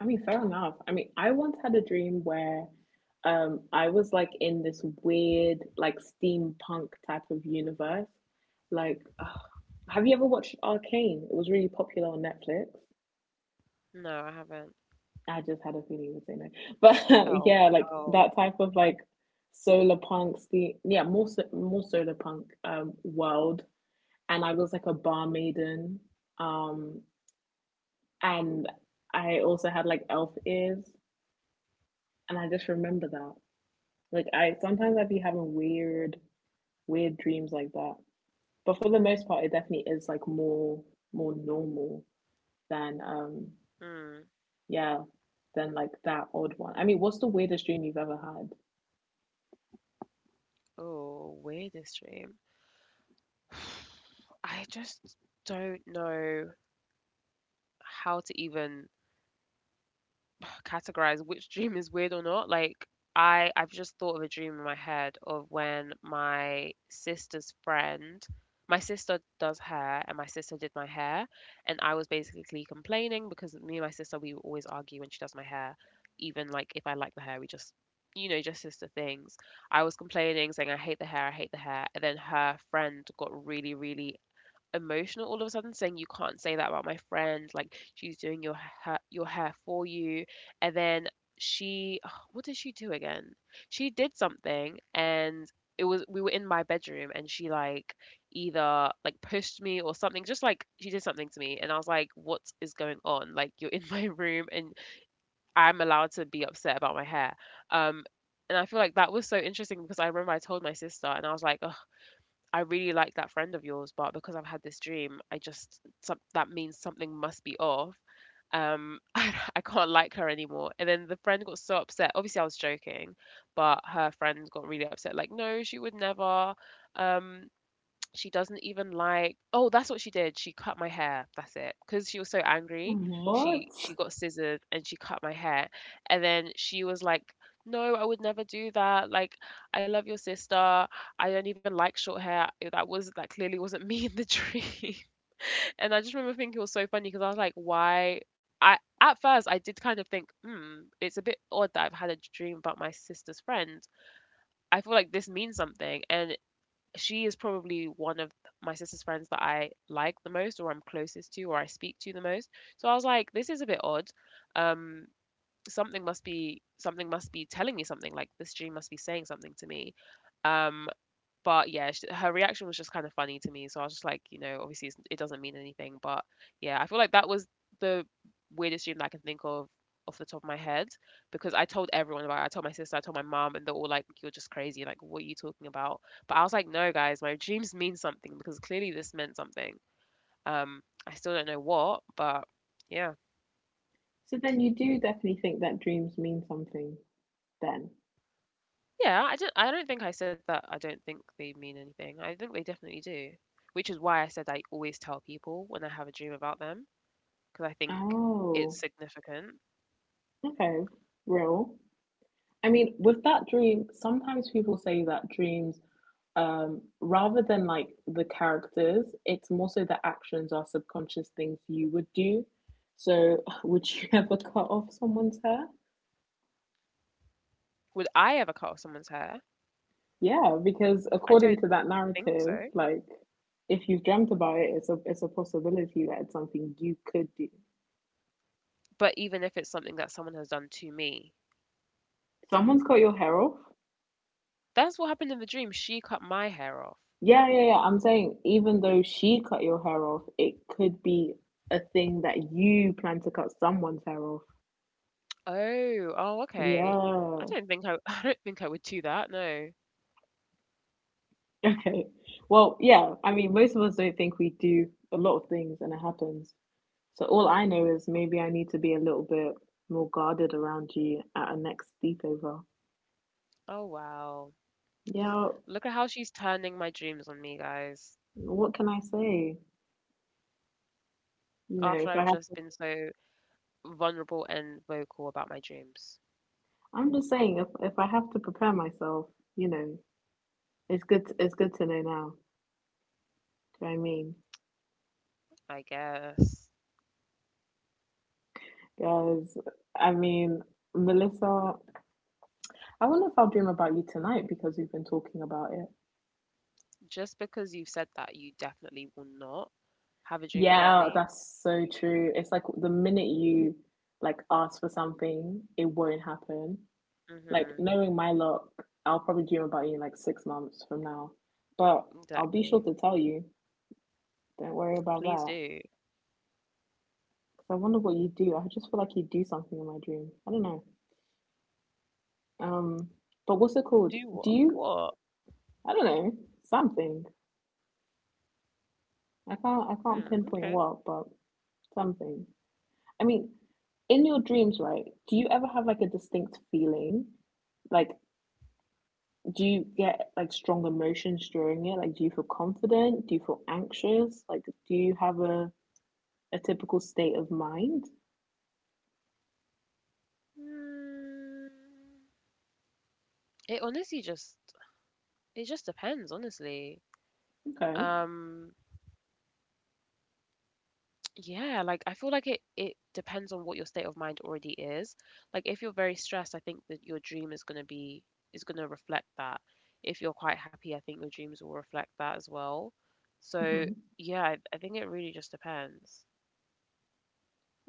S1: I mean, fair enough. I mean, I once had a dream where I was like in this weird like steampunk type of universe. Like, ugh. Have you ever watched Arcane? It was really popular on Netflix.
S2: No, I haven't.
S1: I just had a feeling you would say no. But
S2: Oh,
S1: yeah, like
S2: oh,
S1: that type of like solar punk steam yeah, more solar punk world. And I was like a bar maiden. Um and I also had like elf ears and I just remember that. Like I sometimes I'd be having weird dreams like that. But for the most part, it definitely is like more normal than
S2: hmm.
S1: yeah, than like that odd one. I mean, what's the weirdest dream you've ever had?
S2: Oh, weirdest dream. I just don't know how to even categorize which dream is weird or not. Like, I've just thought of a dream in my head of when my sister's friend my sister does hair, and my sister did my hair. And I was basically complaining because me and my sister, we always argue when she does my hair, even like if I like the hair. We just just sister things. I was complaining saying, "I hate the hair, I hate the hair," and then her friend got really, really emotional all of a sudden, saying, "You can't say that about my friend. Like, she's doing your hair for you." And then she what did she do again? She did something, and it was we were in my bedroom, and she like either like pushed me or something. Just like she did something to me, and I was like, what is going on? Like, you're in my room, and I'm allowed to be upset about my hair. um and I feel like that was so interesting because I remember I told my sister, and I was like, "Oh, I really like that friend of yours, but because I've had this dream, I just that means something must be off." I can't like her anymore. And then the friend got so upset. Obviously, I was joking, but her friend got really upset. Like, no, she would never. Um, she doesn't even like Oh, that's what she did. She cut my hair. That's it. Because she was so angry, she
S1: What?
S2: she got scissored and she cut my hair. And then she was like, "No, I would never do that. Like, I love your sister. I don't even like short hair. That clearly wasn't me in the dream." And I just remember thinking it was so funny because I was like, "Why?" I At first, I did kind of think, "Hmm, it's a bit odd that I've had a dream about my sister's friend." I feel like this means something, and she is probably one of my sister's friends that I like the most, or I'm closest to, or I speak to the most. So I was like, this is a bit odd. Um, Something must be telling me something. Like, this dream must be saying something to me. Um, but yeah, sh her reaction was just kind of funny to me. So I was just like, obviously it doesn't mean anything, but yeah, I feel like that was the weirdest dream that I can think of off the top of my head, because I told everyone about it. I told my sister, I told my mom, and they're all like, "You're just crazy. Like, what are you talking about?" But I was like, "No, guys, my dreams mean something because clearly this meant something." Um, I still don't know what, but yeah,
S1: So then you do definitely think that dreams mean something then.
S2: yeah. I don't think I said that. I don't think they mean anything. I think they definitely do, which is why I said I always tell people when I have a dream about them, 'cause I think
S1: Oh,
S2: it's significant.
S1: okay, real. I mean, with that dream, sometimes people say that dreams rather than like the characters it's more so the actions are subconscious things you would do, so would you ever cut off someone's hair?
S2: Would I ever cut off someone's hair?
S1: Yeah, because
S2: I
S1: according
S2: don't
S1: to that
S2: think
S1: narrative,
S2: so.
S1: like if you've dreamt about it, it's a possibility that it's something you could do.
S2: But even if it's something that someone has done to me,
S1: Someone's cut your hair off?
S2: that's what happened in the dream. She cut my hair off.
S1: Yeah, yeah I'm saying even though she cut your hair off, it could be a thing that you plan to cut someone's hair off.
S2: Oh, oh, okay. I
S1: Yeah.
S2: don't think I I don't think I would do that, no.
S1: Okay. Well, yeah, I mean, most of us don't think we do a lot of things and it happens. So all I know is maybe I need to be a little bit more guarded around you at our next sleepover.
S2: Oh, wow.
S1: Yeah,
S2: Look at how she's turning my dreams on me, guys.
S1: what can I say? You know,
S2: After
S1: if I
S2: I've just
S1: have,
S2: been so vulnerable and vocal about my dreams,
S1: I'm just saying if I have to prepare myself, you know, it's good to know now. Do you know what I mean?
S2: I guess.
S1: Guys, I mean, Melissa, I wonder if I'll dream about you tonight because we've been talking about it.
S2: Just because you've said that, you definitely will not have a dream about
S1: Yeah,
S2: me.
S1: that's so true. It's like the minute you like ask for something, it won't happen. Like
S2: Mhm.
S1: knowing my luck, I'll probably dream about you in like 6 months from now. But I'll be sure
S2: Exactly.
S1: to tell you. Don't worry about that.
S2: Please do.
S1: 'Cause I wonder what you do. I just feel like you do something in my dream. I don't know. Um, but what's it called?
S2: Do
S1: Do
S2: what?
S1: you?
S2: What?
S1: I don't know. Something. I can't
S2: Hmm,
S1: pinpoint
S2: okay.
S1: what, but something. I mean, in your dreams, right? Do you ever have like a distinct feeling? Like, do you get like strong emotions during it? Like, do you feel confident? Do you feel anxious? Like, do you have a typical state of mind?
S2: Mm, it honestly just it just depends, honestly.
S1: Okay.
S2: Um, yeah, like, I feel like it depends on what your state of mind already is. Like, if you're very stressed, I think that your dream is gonna reflect that. If you're quite happy, I think your dreams will reflect that as well. So
S1: hmm
S2: yeah, I think it really just depends.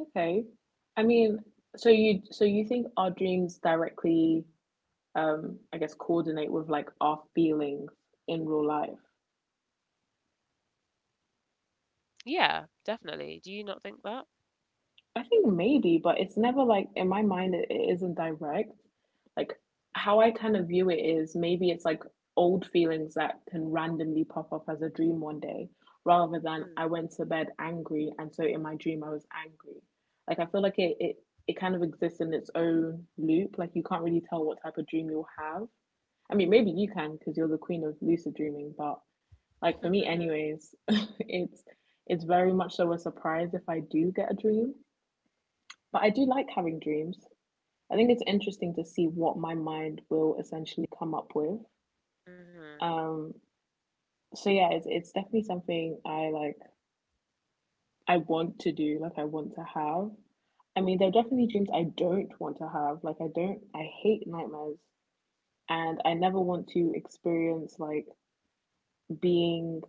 S1: Okay. I mean, so you think our dreams directly, I guess, coordinate with like our feelings in real life?
S2: Yeah, definitely. Do you not think that?
S1: I think maybe, but it's never like in my mind it isn't direct. Like how I kind of view it is maybe it's like old feelings that can randomly pop up as a dream one day, rather than
S2: Hmm.
S1: I went to bed angry and so in my dream I was angry. Like I feel like it kind of exists in its own loop. Like you can't really tell what type of dream you'll have. I mean, maybe you can because you're the queen of lucid dreaming, but like for me, anyways, it's very much so a surprise if I do get a dream. But I do like having dreams. I think it's interesting to see what my mind will essentially come up with.
S2: Hmm.
S1: Um, so yeah, it's definitely something I want to do, like I want to have. I mean, there are definitely dreams I don't want to have. Like I don't I hate nightmares and I never want to experience like being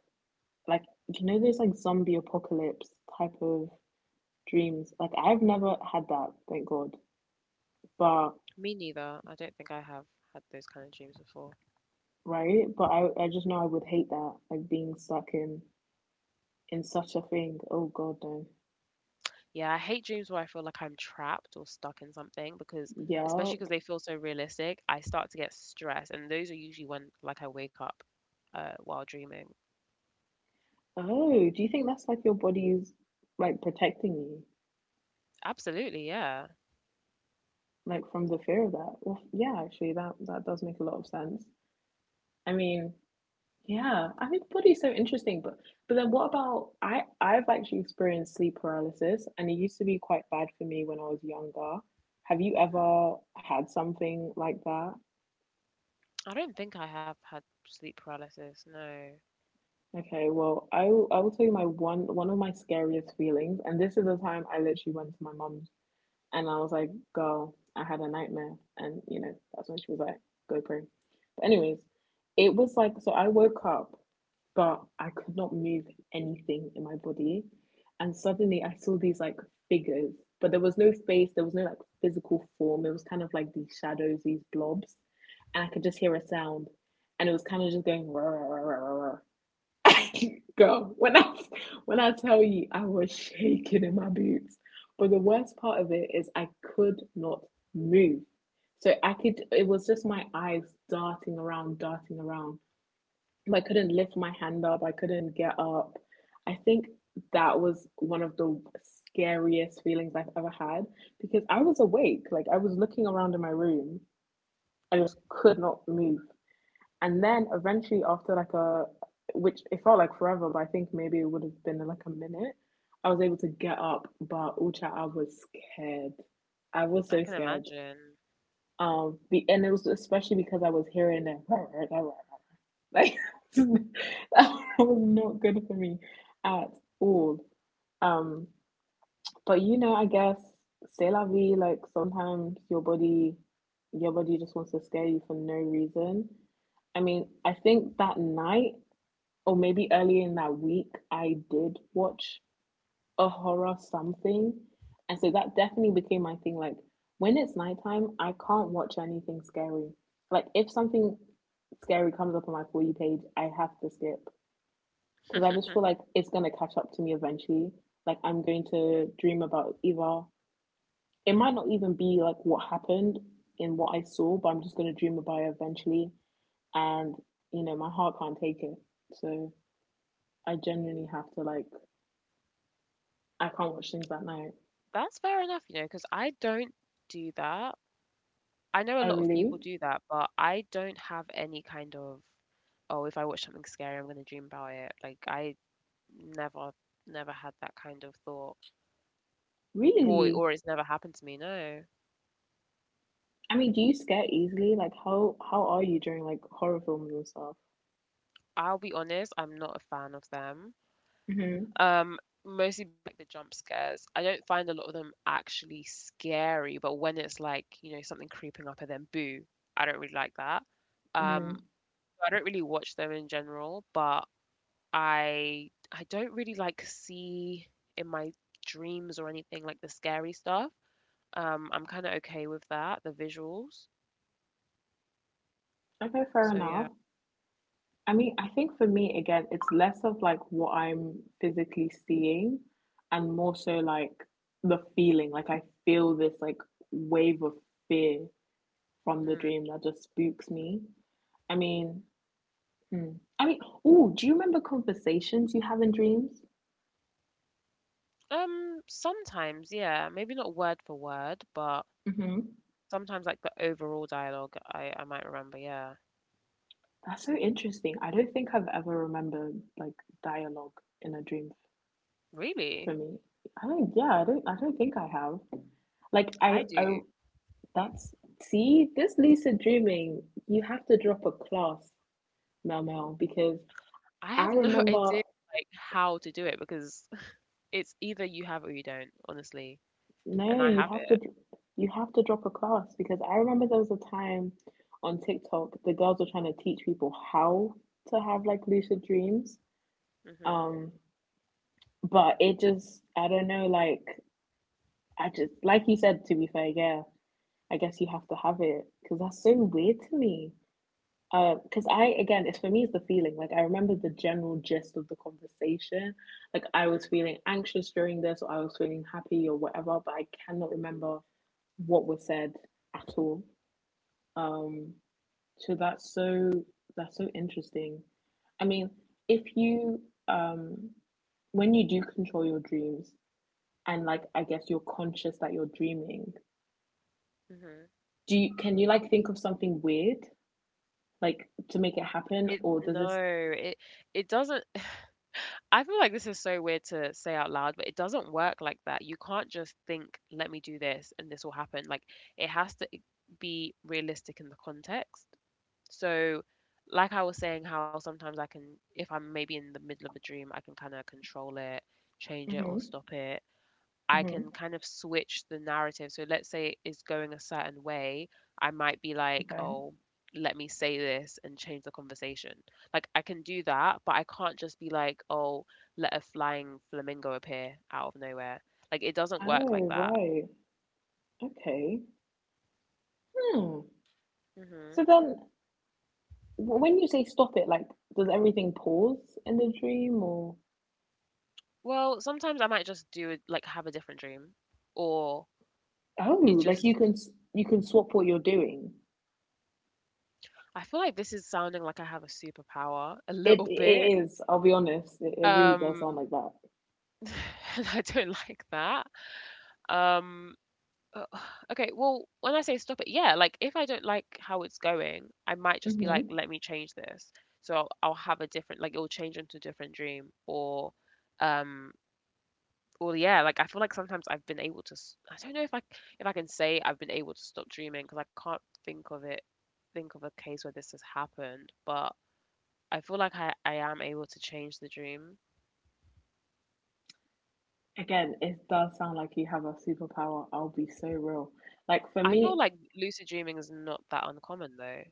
S1: like those like zombie apocalypse type of dreams. Like I've never had that, thank God. But
S2: Me neither. I don't think I have had those kind of dreams before.
S1: right? But I just know I would hate that, like being stuck in such a thing. Oh God, no.
S2: Yeah, I hate dreams where I feel like I'm trapped or stuck in something, because, especially
S1: Yup.
S2: because they feel so realistic, I start to get stressed, and those are usually when, like, I wake up while dreaming.
S1: Oh, do you think that's like your body's like protecting you,
S2: Absolutely, yeah.
S1: like from the fear of that? Well, yeah, actually, that does make a lot of sense. I mean, yeah, I think the body's so interesting, but then what about I've actually experienced sleep paralysis, and it used to be quite bad for me when I was younger. Have you
S2: Hmm.
S1: ever had something like that?
S2: I don't think I have had sleep paralysis. No,
S1: Okay, well, I will tell you my one of my scariest feelings, and this is the time I literally went to my mum's and I was like, "Girl, I had a nightmare," and you know that's when she was like, "Go pray." But anyways, it was like so I woke up, but I could not move anything in my body, and suddenly I saw these like figures, but there was no face, there was no like physical form. It was kind of like these shadows, these blobs, and I could just hear a sound, and it was kind of just going. "Rah, rah, rah, rah, rah." Girl, when I tell you I was shaking in my boots. But the worst part of it is I could not move. So I could it was just my eyes darting around, darting around. I couldn't lift my hand up, I couldn't get up. I think that was one of the scariest feelings I've ever had because I was awake, like I was looking around in my room. I just could not move, and then eventually after like a which it felt like forever, but I think maybe it would have been like a minute, I was able to get up, but ucha, I was scared, I was so
S2: I can
S1: scared.
S2: imagine.
S1: And it was especially because I was hearing that, like that was not good for me at all. um but you know I guess say la vie, like sometimes your body, your body just wants to scare you for no reason. I mean, I think that night or maybe earlier in that week, I did watch a horror something. And so that definitely became my thing. Like, when it's nighttime, I can't watch anything scary. Like, if something scary comes up on my For You page, I have to skip. Because I just feel like it's going to catch up to me eventually. Like, I'm going to dream about either, it might not even be like what happened in what I saw, but I'm just going to dream about it eventually. And, you know, my heart can't take it. So I genuinely have to, like, I can't watch things at night.
S2: That's fair enough, because I don't do that. I know a
S1: Oh
S2: lot of
S1: really?
S2: people do that, but I don't have any kind of, oh, if I watch something scary, I'm going to dream about it. Like, I never, never had that kind of thought. Well,
S1: Really?
S2: or it's never happened to me, no.
S1: I mean, do you scare easily? Like how are you during like horror films and stuff?
S2: I'll be honest, I'm not a fan of them.
S1: Mm-hmm.
S2: Um, mostly like the jump scares. I don't find a lot of them actually scary, but when it's like, something creeping up, and then boo, I don't really like that.
S1: Mm.
S2: Um, I don't really watch them in general, but I don't really like see in my dreams or anything like the scary stuff. I'm kind of okay with that, the visuals.
S1: Okay, fair
S2: So yeah.
S1: enough. I mean, I think for me again, it's less of like what I'm physically seeing and more so like the feeling. Like I feel this like wave of fear from the
S2: Hmm.
S1: dream that just spooks me. I mean, hmm. I mean, oh, do you remember conversations you have in dreams?
S2: Sometimes, yeah, maybe not word for word, but
S1: Mm-hmm.
S2: sometimes like the overall dialogue, I might remember. Yeah,
S1: That's so interesting. I don't think I've ever remembered like dialogue in a dream for
S2: really,
S1: me. I don't think I have. Like, I,
S2: I
S1: I,
S2: do.
S1: that's, See, this lucid dreaming, you have to drop a class, Mel Mel, because
S2: I
S1: I
S2: have no
S1: remember,
S2: idea like how to do it, because it's either you have it or you don't, honestly, and
S1: no,
S2: I
S1: you
S2: have
S1: have to,
S2: it.
S1: you have to drop a class because I remember there was a time on TikTok, the girls were trying to teach people how to have like lucid dreams.
S2: Mhm.
S1: Um, but it just, I don't know, like, I just like you said. To be fair, yeah, I guess you have to have it because that's so weird to me. Because I again, it's for me, it's the feeling. Like I remember the general gist of the conversation. Like I was
S2: Mm,
S1: feeling anxious during this, or I was feeling happy, or whatever. But I cannot remember what was said at all. Um, so that's so that's so interesting. I mean, if you um, when you do control your dreams, and like I guess you're conscious that you're dreaming,
S2: mhm.
S1: do you can you like think of something weird like to make it happen
S2: It
S1: or does
S2: No,
S1: this
S2: it doesn't. I feel like this is so weird to say out loud, but it doesn't work like that. You can't just think, let me do this and this will happen. Like, it has to be realistic in the context. So, like I was saying, how sometimes I can, if I'm maybe in the middle of a dream, I can kind of control it, change it, or
S1: Mm-hmm.
S2: stop it. I
S1: Mm-hmm.
S2: can kind of switch the narrative. So let's say it is going a certain way, I might be
S1: Okay.
S2: like, oh, let me say this and change the conversation. Like, I can do that, but I can't just be like, oh, let a flying flamingo appear out of nowhere. Like, it doesn't work like
S1: Oh,
S2: that.
S1: right. Okay. Hmm.
S2: Hmm.
S1: So then, when you say stop it, like, does everything pause in the dream, or
S2: Well, sometimes I might just do it, like have a different dream, or it
S1: oh, like
S2: just.
S1: you can swap what you're doing?
S2: I feel like this is sounding like I have a superpower a
S1: It
S2: little
S1: it
S2: bit.
S1: is. I'll be honest. It really does sound
S2: Um,
S1: like that.
S2: and I don't like that. Um, Uh, okay, well, when I say stop it, yeah, like if I don't like how it's going, I might just be like,
S1: Mm-hmm.
S2: let me change this. So I'll have a different, like it'll change into a different dream, um, or yeah, like I feel like sometimes I've been able to, I don't know if if I can say I've been able to stop dreaming because I can't think of a case where this has happened, but I feel like I am able to change the dream.
S1: Again it does sound like you have a superpower, I'll be so real. Like for
S2: I feel
S1: me,
S2: like lucid dreaming is not that uncommon though.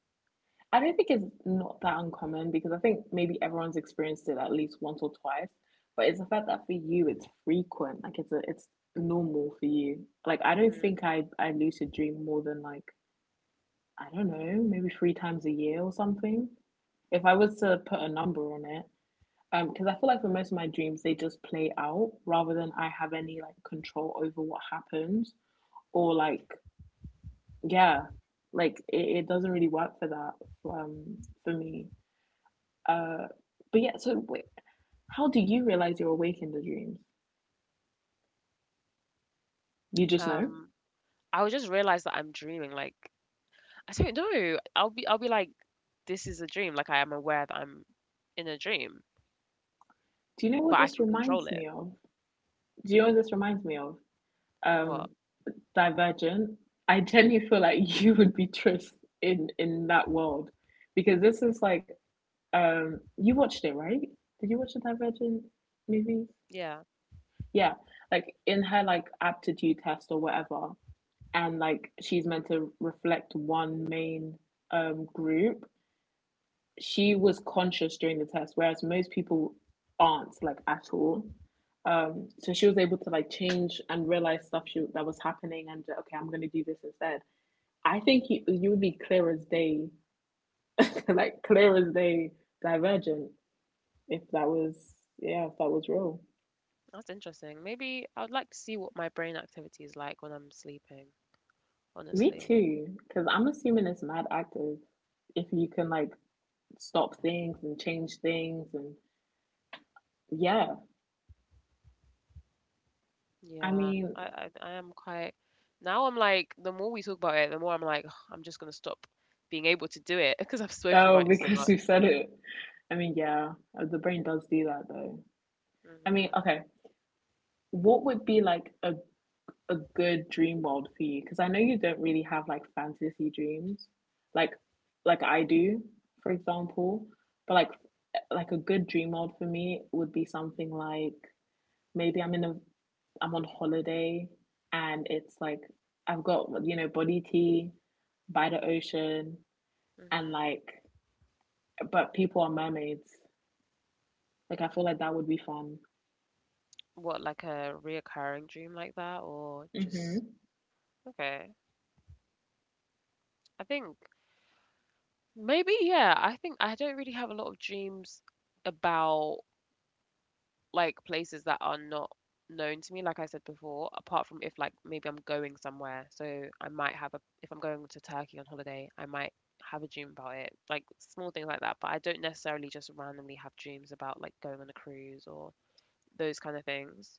S1: I don't think it's not that uncommon because I think maybe everyone's experienced it at least once or twice. But it's the fact that for you it's frequent, like it's normal for you. Like I don't
S2: Hmm.
S1: think I lucid dream more than like I don't know maybe 3 times a year or something. If I was to put a number on it, because I feel like for most of my dreams they just play out rather than I have any like control over what happens or like yeah, like it doesn't really work for that um for me uh, but yeah, so wait, how do you realize you're awake in the dreams? You just know?
S2: Um, I would just realize that I'm dreaming, like, I don't know. I'll be like, this is a dream. Like, I am aware that I'm in a dream,
S1: Do you know
S2: but
S1: what
S2: I
S1: this
S2: can control
S1: reminds
S2: it.
S1: me of? Do you know what this reminds me of?
S2: What?
S1: Um, Divergent. I genuinely feel like you would be Tris in that world because this is like you watched it right? Did you watch the Divergent movie?
S2: Yeah,
S1: Yeah, like in her like aptitude test or whatever, and like she's meant to reflect one main group she was conscious during the test, whereas most people aren't like at all. So she was able to like change and realize stuff that was happening, and okay, I'm gonna do this instead. I think you would be clear as day, like clear as day, divergent if that was yeah if that was real.
S2: that's interesting. Maybe I'd like to see what my brain activity is like when I'm sleeping,
S1: Me
S2: honestly.
S1: too, because I'm assuming it's mad active if you can like stop things and change things and yeah. I
S2: Yeah,
S1: mean,
S2: I am quite. Now I'm like, the more we talk about it, the more I'm like, I'm just gonna stop being able to do it because I've spoken
S1: Oh,
S2: about it so
S1: because
S2: much.
S1: you said it. I mean, yeah, the brain does do that though. I mean,
S2: Hmm.
S1: okay, what would be like a good dream world for you? Because I know you don't really have like fantasy dreams, like like I do, for example. But like like a good dream world for me would be something like maybe I'm in a I'm on holiday and it's like I've got you know body tea by the ocean and
S2: Hmm.
S1: like but people are mermaids. Like I feel like that would be fun.
S2: What, like a reoccurring dream like that, or
S1: Hmm.
S2: just okay? I think maybe, yeah. I think I don't really have a lot of dreams about like places that are not known to me, like I said before, apart from if like maybe I'm going somewhere. So I might have a if I'm going to Turkey on holiday, I might have a dream about it. Like, small things like that, but I don't necessarily just randomly have dreams about like going on a cruise or those kind of things.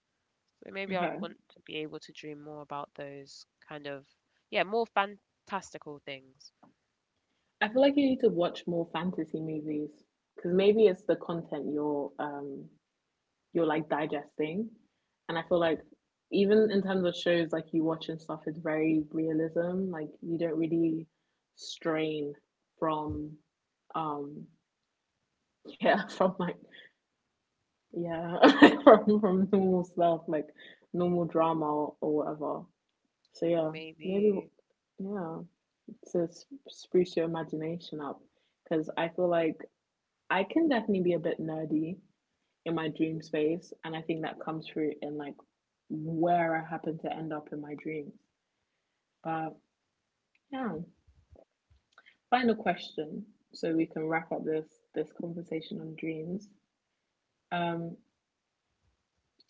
S2: So maybe I'd
S1: Okay.
S2: want to be able to dream more about those kind of, yeah, more fantastical things.
S1: I feel like you need to watch more fantasy movies because maybe it's the content you're like digesting, and I feel like even in terms of shows like you watch and stuff, it's very realism. Like you don't really strain from, um, yeah, from like yeah, from normal stuff like normal drama, or whatever. So yeah, maybe
S2: Maybe.
S1: yeah. To spruce your imagination up because I feel like I can definitely be a bit nerdy in my dream space, and I think that comes through in like where I happen to end up in my dreams. But yeah, final question so we can wrap up this conversation on dreams. Um,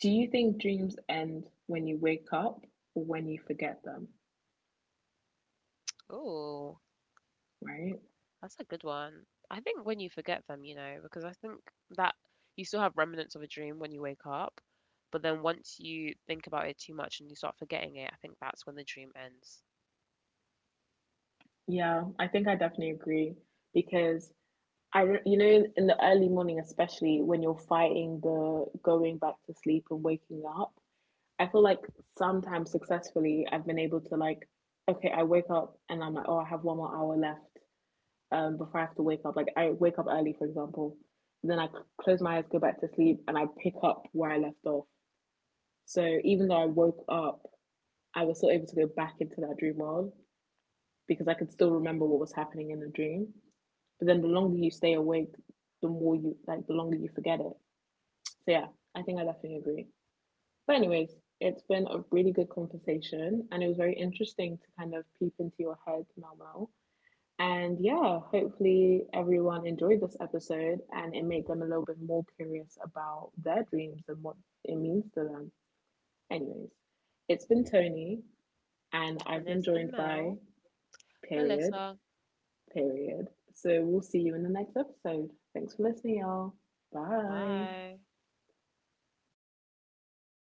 S1: do you think dreams end when you wake up or when you forget them?
S2: Oh.
S1: Right?
S2: That's a good one. I think when you forget them, because I think that you still have remnants of a dream when you wake up, but then once you think about it too much and you start forgetting it, I think that's when the dream ends.
S1: Yeah, I think I definitely agree because I you know in the early morning especially when you're fighting the going back to sleep and waking up I feel like sometimes successfully I've been able to like okay I wake up and I'm like oh I have one more hour left before I have to wake up, like I wake up early for example, and then I close my eyes, go back to sleep, and I pick up where I left off. So even though I woke up, I was still able to go back into that dream world because I could still remember what was happening in the dream. But then the longer you stay awake, the longer you forget it. So yeah, I think I definitely agree. But anyways, it's been a really good conversation, and it was very interesting to kind of peep into your head, Mel Mel. And yeah, hopefully everyone enjoyed this episode and it made them a little bit more curious about their dreams and what it means to them. Anyways, it's been Tony, and I've
S2: And
S1: been
S2: it's
S1: joined
S2: been
S1: by
S2: Mel,
S1: Period.
S2: Melissa.
S1: Period. So we'll see you in the next episode. Thanks for listening, y'all. Bye.
S2: Bye.